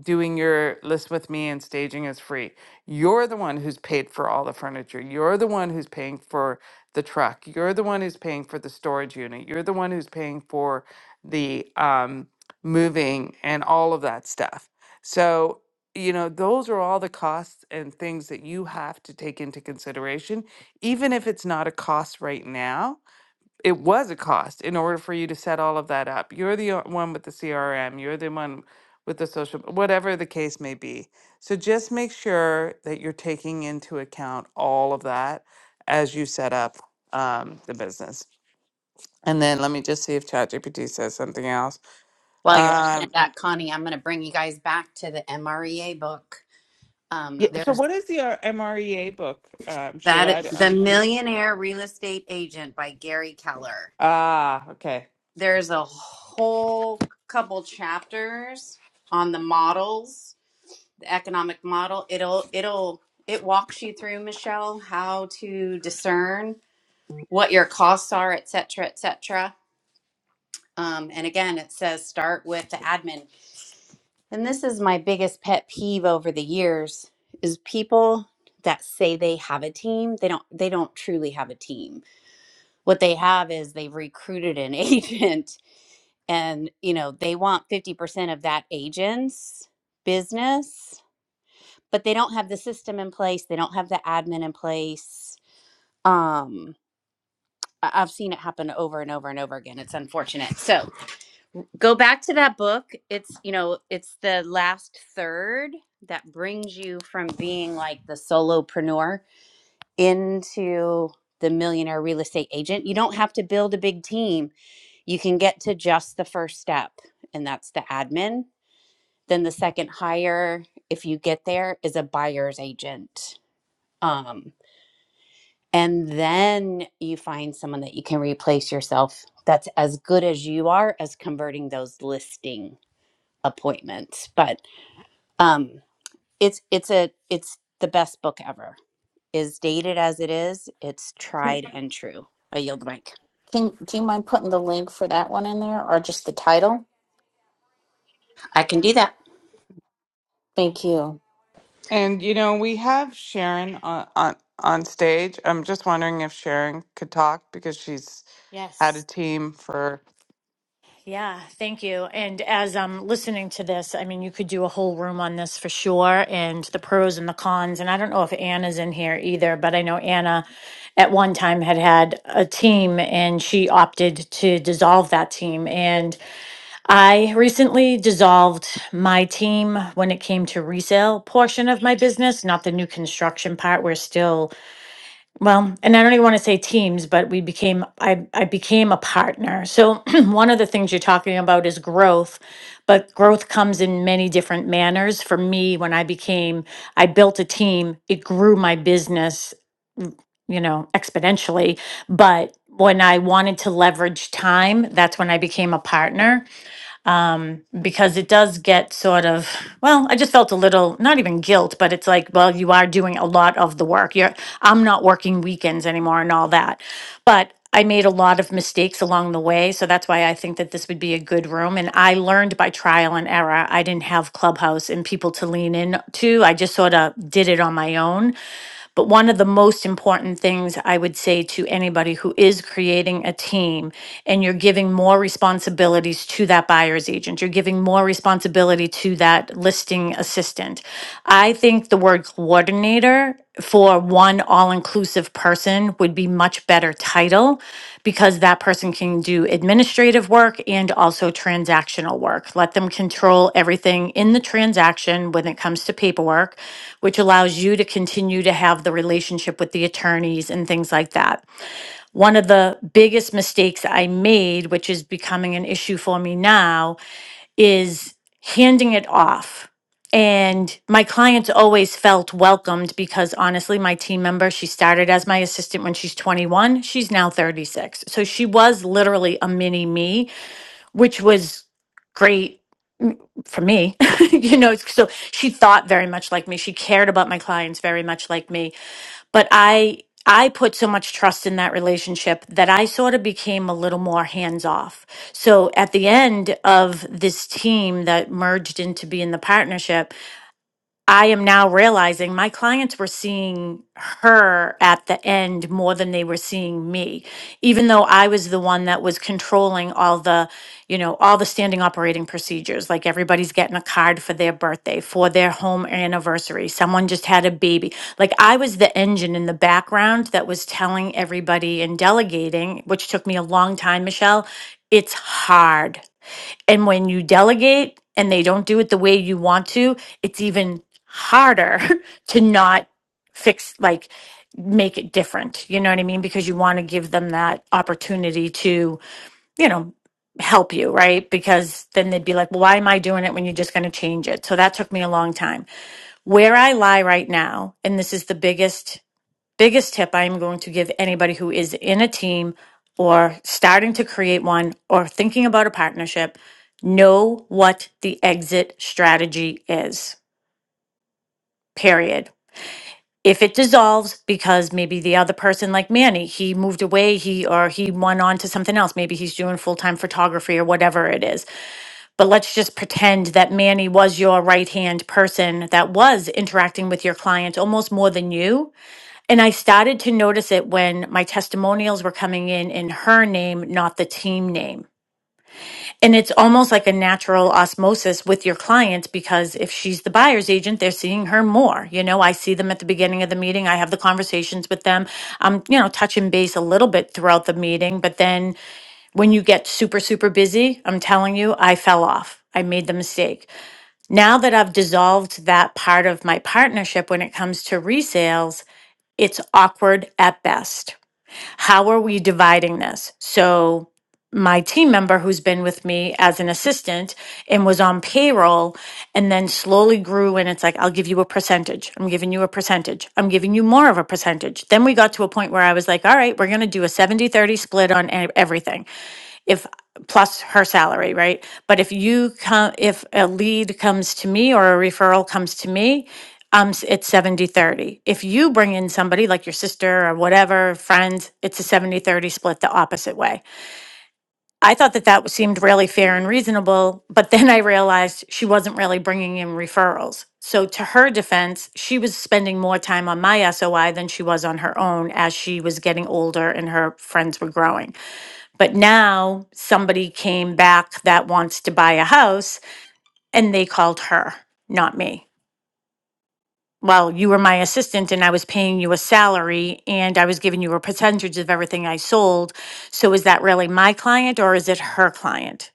Speaker 1: doing your list with me and staging is free. You're the one who's paid for all the furniture. You're the one who's paying for the truck. You're the one who's paying for the storage unit. You're the one who's paying for the um, moving and all of that stuff. So, you know, those are all the costs and things that you have to take into consideration, even if it's not a cost right now it was a cost in order for you to set all of that up. You're the o- one with the CRM, you're the one with the social, whatever the case may be. So just make sure that you're taking into account all of that as you set up um, the business. And then let me just see if ChatGPT says something else.
Speaker 17: While you're looking at
Speaker 1: Um,
Speaker 17: that, Connie, I'm going to bring you guys back to the MREA book. Um,
Speaker 1: yeah, so
Speaker 17: there's
Speaker 1: what is the uh, MREA book, um, Sheila?
Speaker 17: that
Speaker 1: I d-
Speaker 17: The
Speaker 1: I'm,
Speaker 17: Millionaire Real Estate Agent by Gary Keller.
Speaker 1: ah, okay.
Speaker 17: There's a whole couple chapters on the models, the economic model. It'll it'll it walks you through, Michelle, how to discern what your costs are, et cetera, et cetera. Um, and again, it says start with the admin And this is my biggest pet peeve over the years is people that say they have a team, they don't they don't truly have a team. What they have is they've recruited an agent and, you know, they want 50% of that agent's business, but they don't have the system in place, they don't have the admin in place. Um I- I've seen it happen over and over and over again. It's unfortunate. So, Go back to that book. It's, you know, it's the last third that brings you from being like the solopreneur into the millionaire real estate agent. You don't have to build a big team. You can get to just the first step, and that's the admin. Then the second hire, if you get there, is a buyer's agent. Um, and then you find someone that you can replace yourself that's as good as you are as converting those listings Appointment, but um it's it's a it's the best book ever is dated as it is it's tried and true i yield the mic
Speaker 12: Can, do you mind putting the link for that one in there or just the title?
Speaker 17: i can do that
Speaker 12: Thank you.
Speaker 1: And you know, we have Sharon on, on on stage. I'm just wondering if Sharon could talk because she's had a
Speaker 19: Yes.
Speaker 1: team for
Speaker 19: Yeah. Thank you. And as I'm listening to this, I mean, you could do a whole room on this for sure and the pros and the cons. And I don't know if Anna's in here either, but I know Anna at one time had had a team and she opted to dissolve that team. And I recently dissolved my team when it came to resale portion of my business, not the new construction part. We're still well, and I don't even want to say teams, but we became I I became a partner. So one of the things you're talking about is growth, but growth comes in many different manners. For me, when I became I built a team, it grew my business, mm, you know, exponentially, but when I wanted to leverage time, that's when I became a partner um, because it does get sort of well i just felt a little not even guilt but it's like well you are doing a lot of the work you're i'm not working weekends anymore and all that but i made a lot of mistakes along the way so that's why i think that this would be a good room and i learned by trial and error i didn't have clubhouse and people to lean in to i just sort of did it on my own but one of the most important things I would say to anybody who is creating a team and you're giving more responsibilities to that buyer's agent, you're giving more responsibility to that listing assistant. I think the word coordinator for one all inclusive person would be much better title because that person can do administrative work and also transactional work. Let them control everything in the transaction when it comes to paperwork which allows you to continue to have the relationship with the attorneys and things like that. One of the biggest mistakes I made, which is becoming an issue for me now, is handing it off. And my clients always felt welcomed because honestly, my team member, she started as my assistant when she's 21. She's now 36. So she was literally a mini me which was great mm, for me. you know, so she thought very much like me. She cared about my clients very much like me. But I I put so much trust in that relationship that I sort of became a little more hands off. So at the end of this team that merged into being the partnership, I am now realizing my clients were seeing her at the end more than they were seeing me, even though I was the one that was controlling all the, you know, all the standing operating procedures. Like everybody's getting a card for their birthday, for their home anniversary. Someone just had a baby. Like I was the engine in the background that was telling everybody and delegating, which took me a long time, Michelle. It's hard. And when you delegate and they don't do it the way you want to, it's even harder to not fix, like, make it different. You know what I mean? Because you want to give them that opportunity to, you know, help you, right? Because then they'd be like, well, why am I doing it when you're just going to change it? So that took me a long time. Where I lie right now, and this is the biggest biggest tip I'm going to give anybody who is in a team or starting to create one or thinking about a partnership know what the exit strategy is, period. If it dissolves because maybe the other person like Manny, he moved away, he or he went on to something else, maybe he's doing full-time photography or whatever it is. But let's just pretend that Manny was your right-hand person that was interacting with your client almost more than you and I started to notice it when my testimonials were coming in in her name, not the team name. And it's almost like a natural osmosis with your clients because if she's the buyer's agent, they're seeing her more. You know, I see them at the beginning of the meeting. I have the conversations with them. I'm, you know, touching base a little bit throughout the meeting. But then when you get super, super busy, I'm telling you, I fell off. I made the mistake. Now that I've dissolved that part of my partnership when it comes to resales, it's awkward at best. How are we dividing this? So, my team member who's been with me as an assistant and was on payroll and then slowly grew and it's like I'll give you a percentage. I'm giving you a percentage. I'm giving you more of a percentage. Then we got to a point where I was like, all right, we're going to do a seventy thirty split on e- everything if plus her salary, right? But if you come, if a lead comes to me or a referral comes to me, um, s- it's 70 30. If you bring in somebody like your sister or whatever, friends, it's a 70 30 split the opposite way. I thought that that seemed really fair and reasonable, but then I realized she wasn't really bringing in referrals. So, to her defense, she was spending more time on my SOI than she was on her own as she was getting older and her friends were growing. But now somebody came back that wants to buy a house and they called her, not me. Well, you were my assistant and I was paying you a salary and I was giving you a percentage of everything I sold. So is that really my client or is it her client?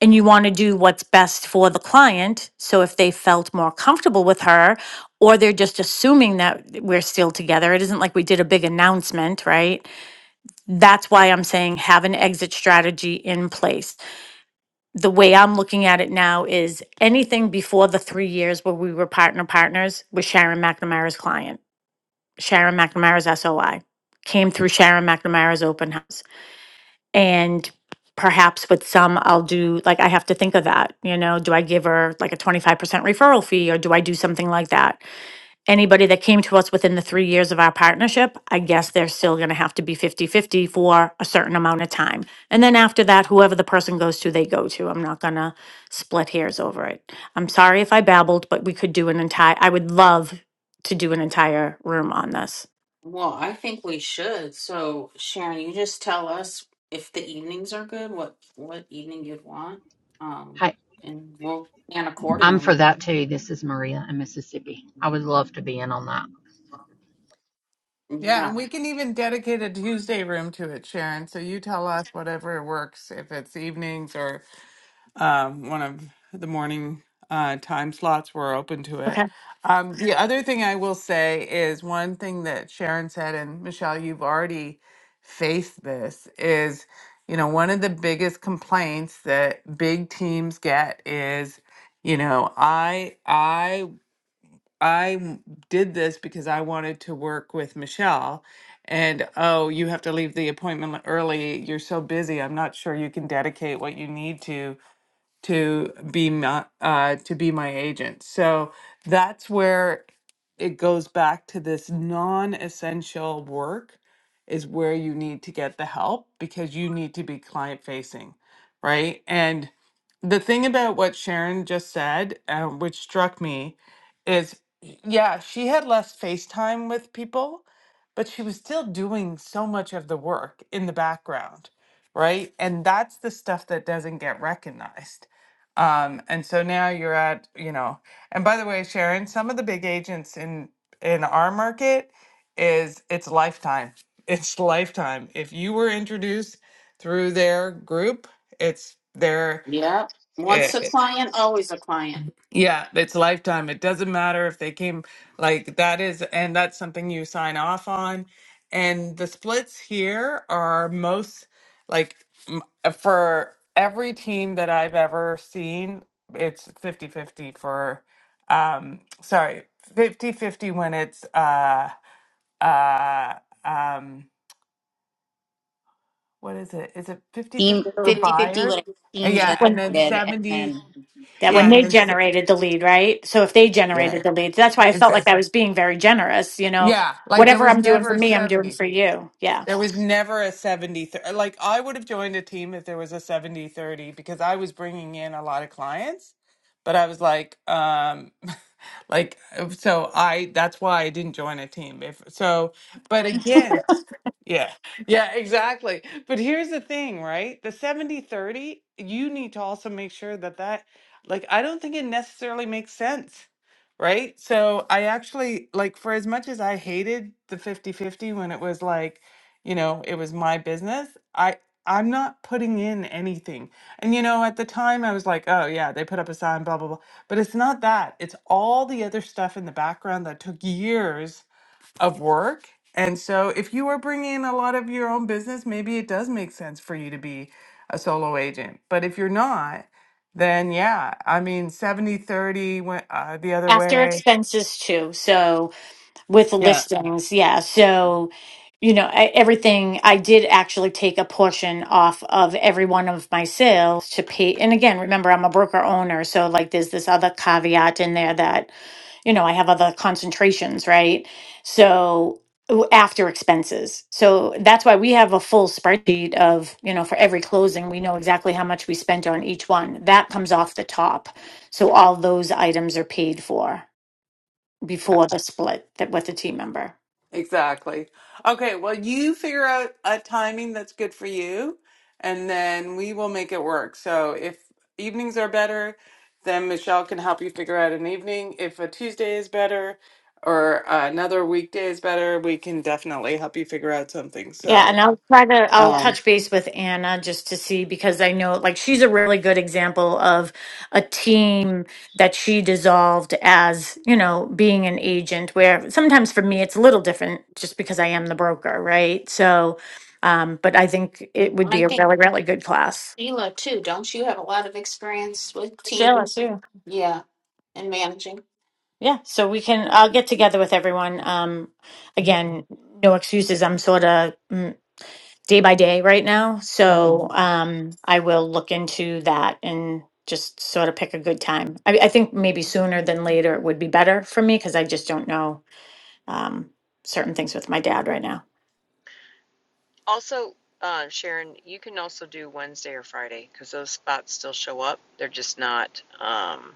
Speaker 19: And you want to do what's best for the client. So if they felt more comfortable with her or they're just assuming that we're still together, it isn't like we did a big announcement, right? That's why I'm saying have an exit strategy in place the way I'm looking at it now is anything before the three years where we were partner partners was Sharon McNamara's client. Sharon McNamara's SOI came through Sharon McNamara's open house. And perhaps with some, I'll do like, I have to think of that. You know, do I give her like a 25% referral fee or do I do something like that? anybody that came to us within the three years of our partnership, I guess they're still gonna have to be fifty fifty for a certain amount of time. And then after that, whoever the person goes to, they go to. I'm not gonna split hairs over it. I'm sorry if I babbled, but we could do an entire, I would love to do an entire room on this.
Speaker 12: Well, I think we should. So, Sharon, you just tell us if the evenings are good, what what evening you'd want, um,
Speaker 20: Hey,
Speaker 12: and we'll plan
Speaker 20: I'm for
Speaker 12: accordingly.
Speaker 20: that too. This is Maria in Mississippi. I would love to be in on that.
Speaker 1: Yeah,
Speaker 12: Yeah.
Speaker 1: and we can even dedicate a Tuesday room to it, Sharon. So you tell us whatever works, if it's evenings or. um, one of the morning uh, time slots were open to it.
Speaker 19: Okay.
Speaker 1: Um, the other thing I will say is one thing that Sharon said, and Michelle, you've already faced this, is you know one of the biggest complaints that big teams get is you know I I I did this because I wanted to work with Michelle. And oh, you have to leave the appointment early. You're so busy. I'm not sure you can dedicate what you need to to be my uh, to be my agent. So that's where it goes back to this non-essential work is where you need to get the help because you need to be client facing, right? And the thing about what Sharon just said, uh, which struck me, is yeah, she had less face time with people, but she was still doing so much of the work in the background, right? And that's the stuff that doesn't get recognized. Um, and so now you're at, you know, and by the way, Sharon, some of the big agents in in our market is it's lifetime. It's lifetime. If you were introduced through their group, it's their.
Speaker 12: yeah. Once a client, always a client.
Speaker 1: Yeah, it's lifetime. It doesn't matter if they came like that is, and that's something you sign off on. And the splits here are most like m- for every team that I've ever seen, it's fifty fifty for um sorry, fifty fifty when it's uh uh um what is it? Is it fifty
Speaker 17: steam
Speaker 1: fifty for
Speaker 17: 50 50 when
Speaker 1: buyers?
Speaker 17: what steam
Speaker 1: Yeah, and
Speaker 19: When,
Speaker 1: then
Speaker 17: generated and
Speaker 1: 70,
Speaker 17: then
Speaker 19: that
Speaker 17: when
Speaker 19: when
Speaker 1: yeah, and
Speaker 19: they
Speaker 1: then s-
Speaker 19: generated the lead, right? So if they
Speaker 1: yeah.
Speaker 19: generated the lead, that's why I felt
Speaker 1: it's,
Speaker 19: like I was being very generous, you know?
Speaker 1: Yeah, like there
Speaker 19: Whatever
Speaker 1: was
Speaker 19: I'm doing
Speaker 1: never
Speaker 19: for
Speaker 1: a
Speaker 19: me, I'm doing
Speaker 1: 70.
Speaker 19: for you. Yeah.
Speaker 1: There was never a 70 30. Like, I would have joined a team if there was a 70 30 because I was bringing in a lot of clients, but I was like, um, like, uh, so I, that's why I didn't join a team. If so, but again, yeah, yeah, exactly. But here's the thing, right? The 70 30. you need to also make sure that that, like, I don't think it necessarily makes sense, right? So I actually, like, for as much as I hated the 50 50 when it was like, you know it was my business i i'm not putting in anything and you know at the time i was like oh yeah they put up a sign blah blah blah but it's not that it's all the other stuff in the background that took years of work and so if you are bringing in a lot of your own business maybe it does make sense for you to be a solo agent but if you're not then yeah i mean 70 30 went uh, the other
Speaker 19: After
Speaker 1: way
Speaker 19: expenses too. So with the listings yeah so you know I, everything i did actually take a portion off of every one of my sales to pay and again remember i'm a broker owner so like there's this other caveat in there that you know i have other concentrations right so w- after expenses so that's why we have a full spreadsheet of you know for every closing we know exactly how much we spent on each one that comes off the top so all those items are paid for before the split that with a team member.
Speaker 1: Exactly. Okay, well, you figure out a timing that's good for you, and then we will make it work. So if evenings are better, then Michelle can help you figure out an evening. If a Tuesday is better or uh, another weekday is better, we can definitely help you figure out something.
Speaker 19: Yeah,
Speaker 1: So,
Speaker 19: and I'll try to I'll
Speaker 1: um,
Speaker 19: touch base with Anna just to see because I know like she's a really good example of a team that she dissolved as, you know, being an agent where sometimes for me it's a little different just because I am the broker, right? So um but I think it would
Speaker 12: And I
Speaker 19: be a
Speaker 12: think
Speaker 19: really really good class.
Speaker 12: Sheila too. Don't you have a lot of experience with
Speaker 19: Sheila
Speaker 12: teams?
Speaker 19: too.
Speaker 12: Yeah. and managing.
Speaker 19: Yeah, so we can. I'll get together with everyone. Um, again, no excuses. I'm sort of mm, day by day right now,
Speaker 12: Mhm.
Speaker 19: so um, I will look into that and just sort of pick a good time. I, I think maybe sooner than later would be better for me because I just don't know um, certain things with my dad right now.
Speaker 18: Also, uh, Sharon, you can also do Wednesday or Friday because those spots still show up. They're just not, um,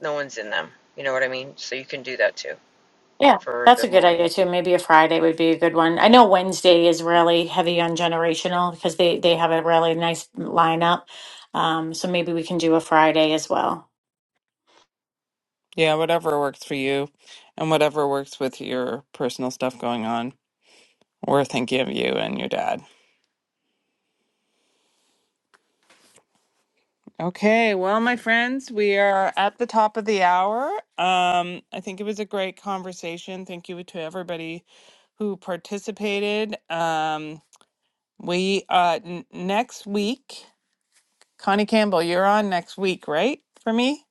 Speaker 18: no one's in them. You know what I mean? So you can do that too
Speaker 19: Yeah,
Speaker 18: for
Speaker 19: that's
Speaker 18: the
Speaker 19: a good idea
Speaker 18: morning.
Speaker 19: too. Maybe a Friday would be a good one. I know Wednesday is really heavy on generational because they they have a really nice lineup. Um, so maybe we can do a Friday as well.
Speaker 1: yeah, whatever works for you and whatever works with your personal stuff going on. We're thinking of you and your dad. Okay, well, my friends, we are at the top of the hour. Um, I think it was a great conversation. Thank you to everybody who participated. Um, we uh, n- next week, Connie Campbell, you're on next week, right? For me?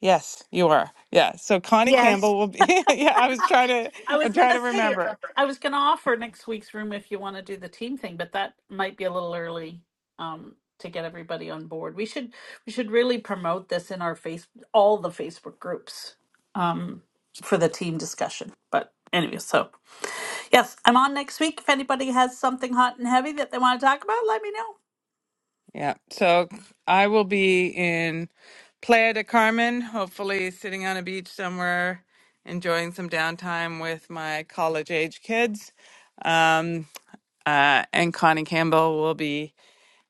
Speaker 1: Yes, you are. Yeah. So Connie
Speaker 2: Yes.
Speaker 1: Campbell will be. yeah, I was trying to.
Speaker 2: I was
Speaker 1: I'm trying
Speaker 2: gonna
Speaker 1: to
Speaker 2: say
Speaker 1: remember.
Speaker 2: I was gonna offer next week's room if you want to do the team thing, but that might be a little early um, to get everybody on board. We should we should really promote this in our face all the Facebook groups um, for the team discussion. But anyway, so. Yes, I'm on next week. If anybody has something hot and heavy that they want to talk about, let me know.
Speaker 1: Yeah. So I will be in Playa de Carmen, hopefully sitting on a beach somewhere, enjoying some downtime with my college age kids. Um, uh, and Connie Campbell will be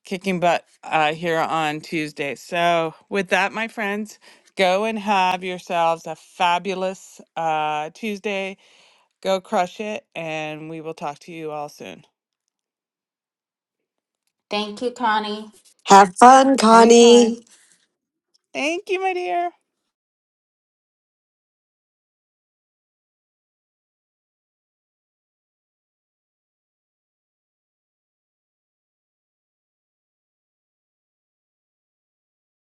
Speaker 1: kicking butt uh, here on Tuesday. So, with that, my friends, go and have yourselves a fabulous uh, Tuesday. Go crush it, and we will talk to you all soon.
Speaker 12: Thank you, Connie.
Speaker 7: have fun connie
Speaker 1: Anytime. Thank you, my dear.